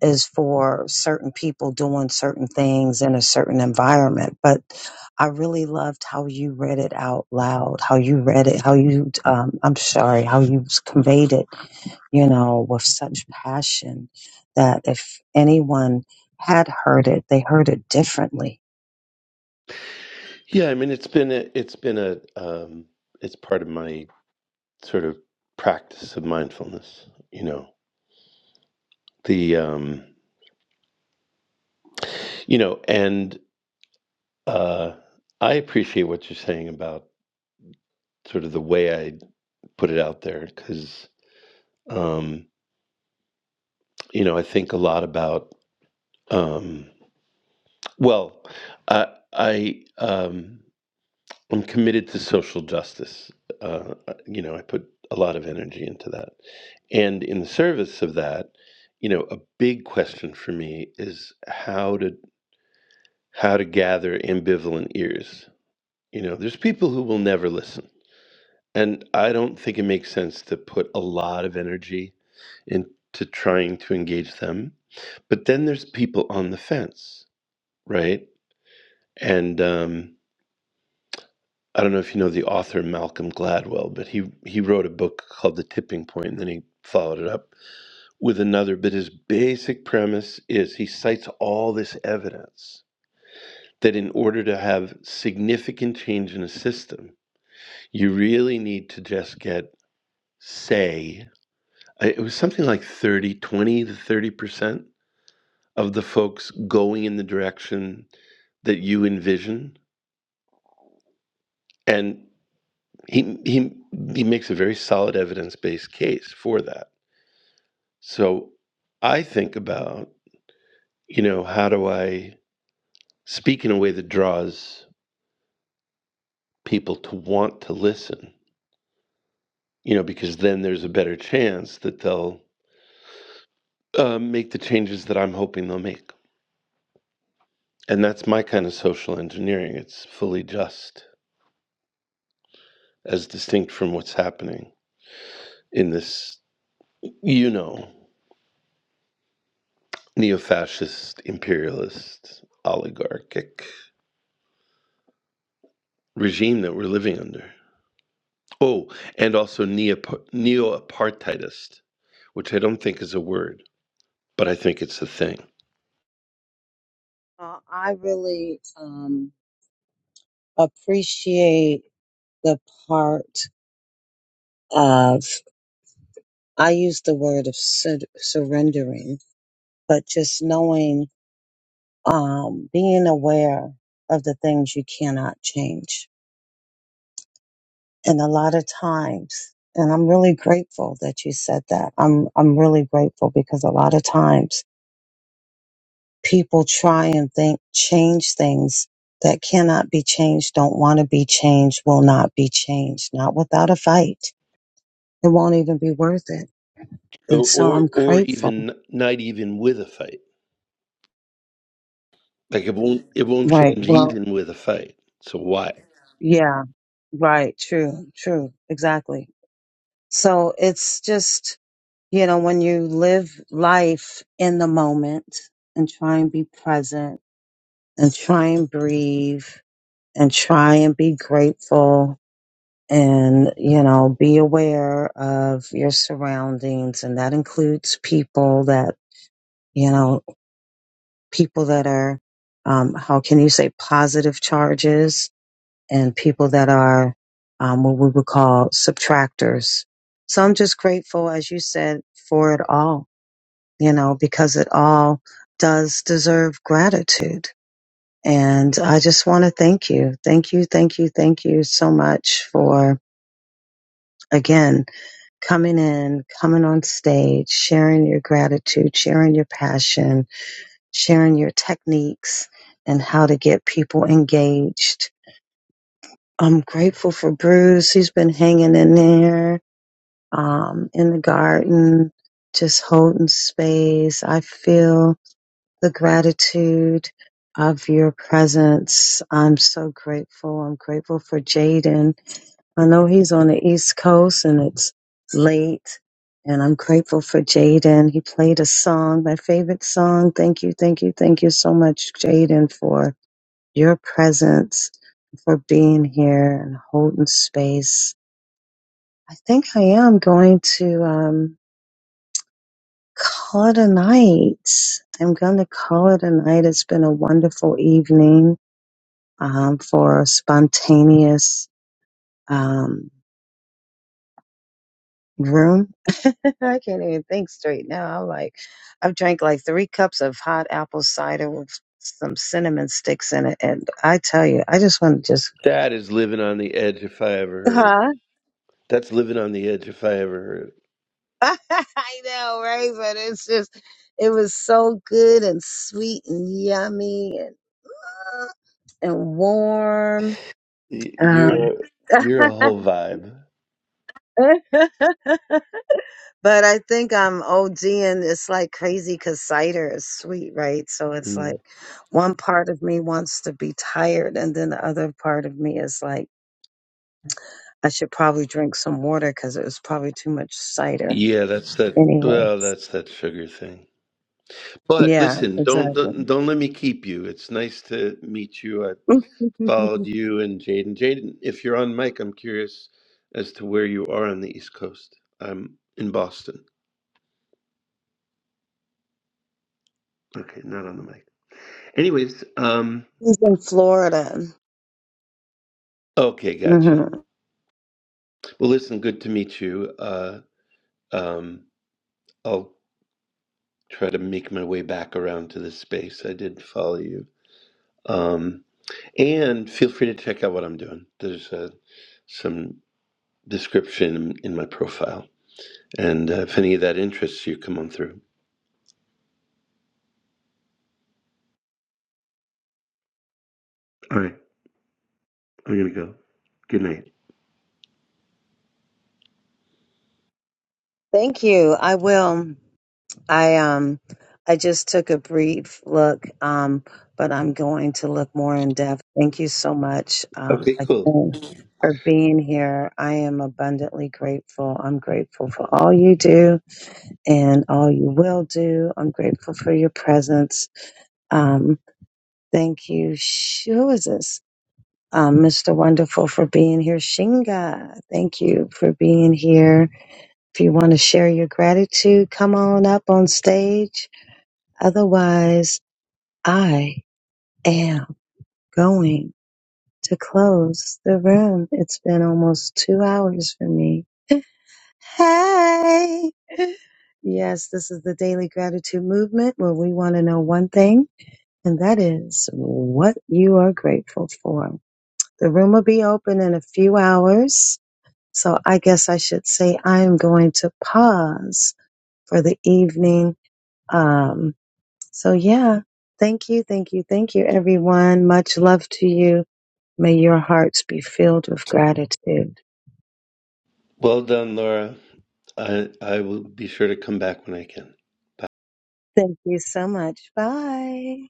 is for certain people doing certain things in a certain environment. But I really loved how you read it out loud, how you read it, how you, um, I'm sorry, how you conveyed it, you know, with such passion that if anyone had heard it, they heard it differently. Yeah, I mean, it's been a, it's been a, um, it's part of my sort of practice of mindfulness, you know. The, um, you know, and Uh, I appreciate what you're saying about sort of the way I put it out there because, um, you know, I think a lot about, um, well, I, I, um, I'm committed to social justice. Uh, you know, I put a lot of energy into that. And in the service of that, you know, a big question for me is how to how to gather ambivalent ears. You know, there's people who will never listen And I don't think it makes sense to put a lot of energy into trying to engage them. But then there's people on the fence, right? And um, I don't know if you know the author Malcolm Gladwell, but he he wrote a book called The Tipping Point, and then he followed it up with another. But his basic premise is he cites all this evidence that in order to have significant change in a system, you really need to just get say I it was something like 30, 20 to 30% of the folks going in the direction that you envision. And he, he, he makes a very solid evidence based case for that. So I think about, you know, how do I speak in a way that draws people to want to listen, you know, because then there's a better chance that they'll uh, make the changes that I'm hoping they'll make. And that's my kind of social engineering. It's fully just. as distinct from what's happening in this, you know, neo fascist, imperialist, oligarchic regime that we're living under. Oh, and also neo apartheidist, which I don't think is a word, but I think it's a thing. Uh, I really um, appreciate the part of, I use the word of sur- surrendering, but just knowing um, being aware of the things you cannot change. And a lot of times, and I'm really grateful that you said that. I'm, I'm really grateful because a lot of times people try and think, change things that cannot be changed, don't want to be changed, will not be changed, not without a fight. It won't even be worth it. And Or, so or, I'm or grateful. even not even with a fight. Like it won't, it won't Right. change Well, even with a fight. So why? yeah, right. True, true. Exactly. So it's just, You know, when you live life in the moment and try and be present and try and breathe and try and be grateful and, you know, be aware of your surroundings. And that includes people that, you know, people that are, um, how can you say positive charges and people that are, um, what we would call subtractors. So I'm just grateful, as you said, for it all you know, because it all does deserve gratitude. And I just want to thank you. Thank you, thank you, thank you so much for, again, coming in, coming on stage, sharing your gratitude, sharing your passion, sharing your techniques and how to get people engaged. I'm grateful for Bruce. He's been hanging in there um, in the garden, just holding space. I feel the gratitude of your presence. I'm so grateful. I'm grateful for Jaden. I know he's on the East Coast and it's late. And I'm grateful for Jaden. He played a song, my favorite song. Thank you, thank you, thank you so much, Jaden, for your presence, for being here and holding space. I think I am going to um, call it a night. I'm going to call it a night. It's been a wonderful evening. um, for spontaneous um, room. I can't even think straight now. I'm like, I've drank like three cups of hot apple cider with some cinnamon sticks in it, and I tell you, I just want to just. That is living on the edge if I ever heard. Huh? That's living on the edge if I ever heard. I know, right? But it's just, it was so good and sweet and yummy and uh, and warm. Y- Um, You're you're a whole vibe. But I think I'm OG and it's like crazy because cider is sweet, right? So it's like Mm. one part of me wants to be tired, and then the other part of me is like, I should probably drink some water because it was probably too much cider. Yeah, that's that. Anyway, Well, that's that sugar thing. But yeah, listen, don't exactly. don't don't let me keep you. It's nice to meet you. I followed you and Jaden. Jaden, if you're on mic, I'm curious as to where you are on the East Coast. I'm in Boston. Okay, not on the mic. Anyways, um, He's in Florida. okay, gotcha. hmm Well, listen, good to meet you. Uh, um, I'll try to make my way back around to this space. I did follow you. Um, And feel free to check out what I'm doing. There's uh, some description in my profile. And uh, if any of that interests you, come on through. All right, I'm going to go. Good night. Thank you. I will. I um I just took a brief look, um, but I'm going to look more in depth. Thank you so much um, Okay, cool. again for being here. I am abundantly grateful. I'm grateful for all you do and all you will do. I'm grateful for your presence. Um, thank you. Sh- Who is this? Um, Mr. Wonderful for being here. Shinga, thank you for being here. If you want to share your gratitude, come on up on stage Otherwise, I am going to close the room. It's been almost two hours for me. Hey! Yes, this is the Daily Gratitude Movement where we want to know one thing, and that is what you are grateful for. The room will be open in a few hours, so I guess I should say I'm going to pause for the evening. Um, So, yeah, thank you, thank you, thank you, everyone. Much love to you. May your hearts be filled with gratitude. Well done, Laura. I, I will be sure to come back when I can. Bye. Thank you so much. Bye.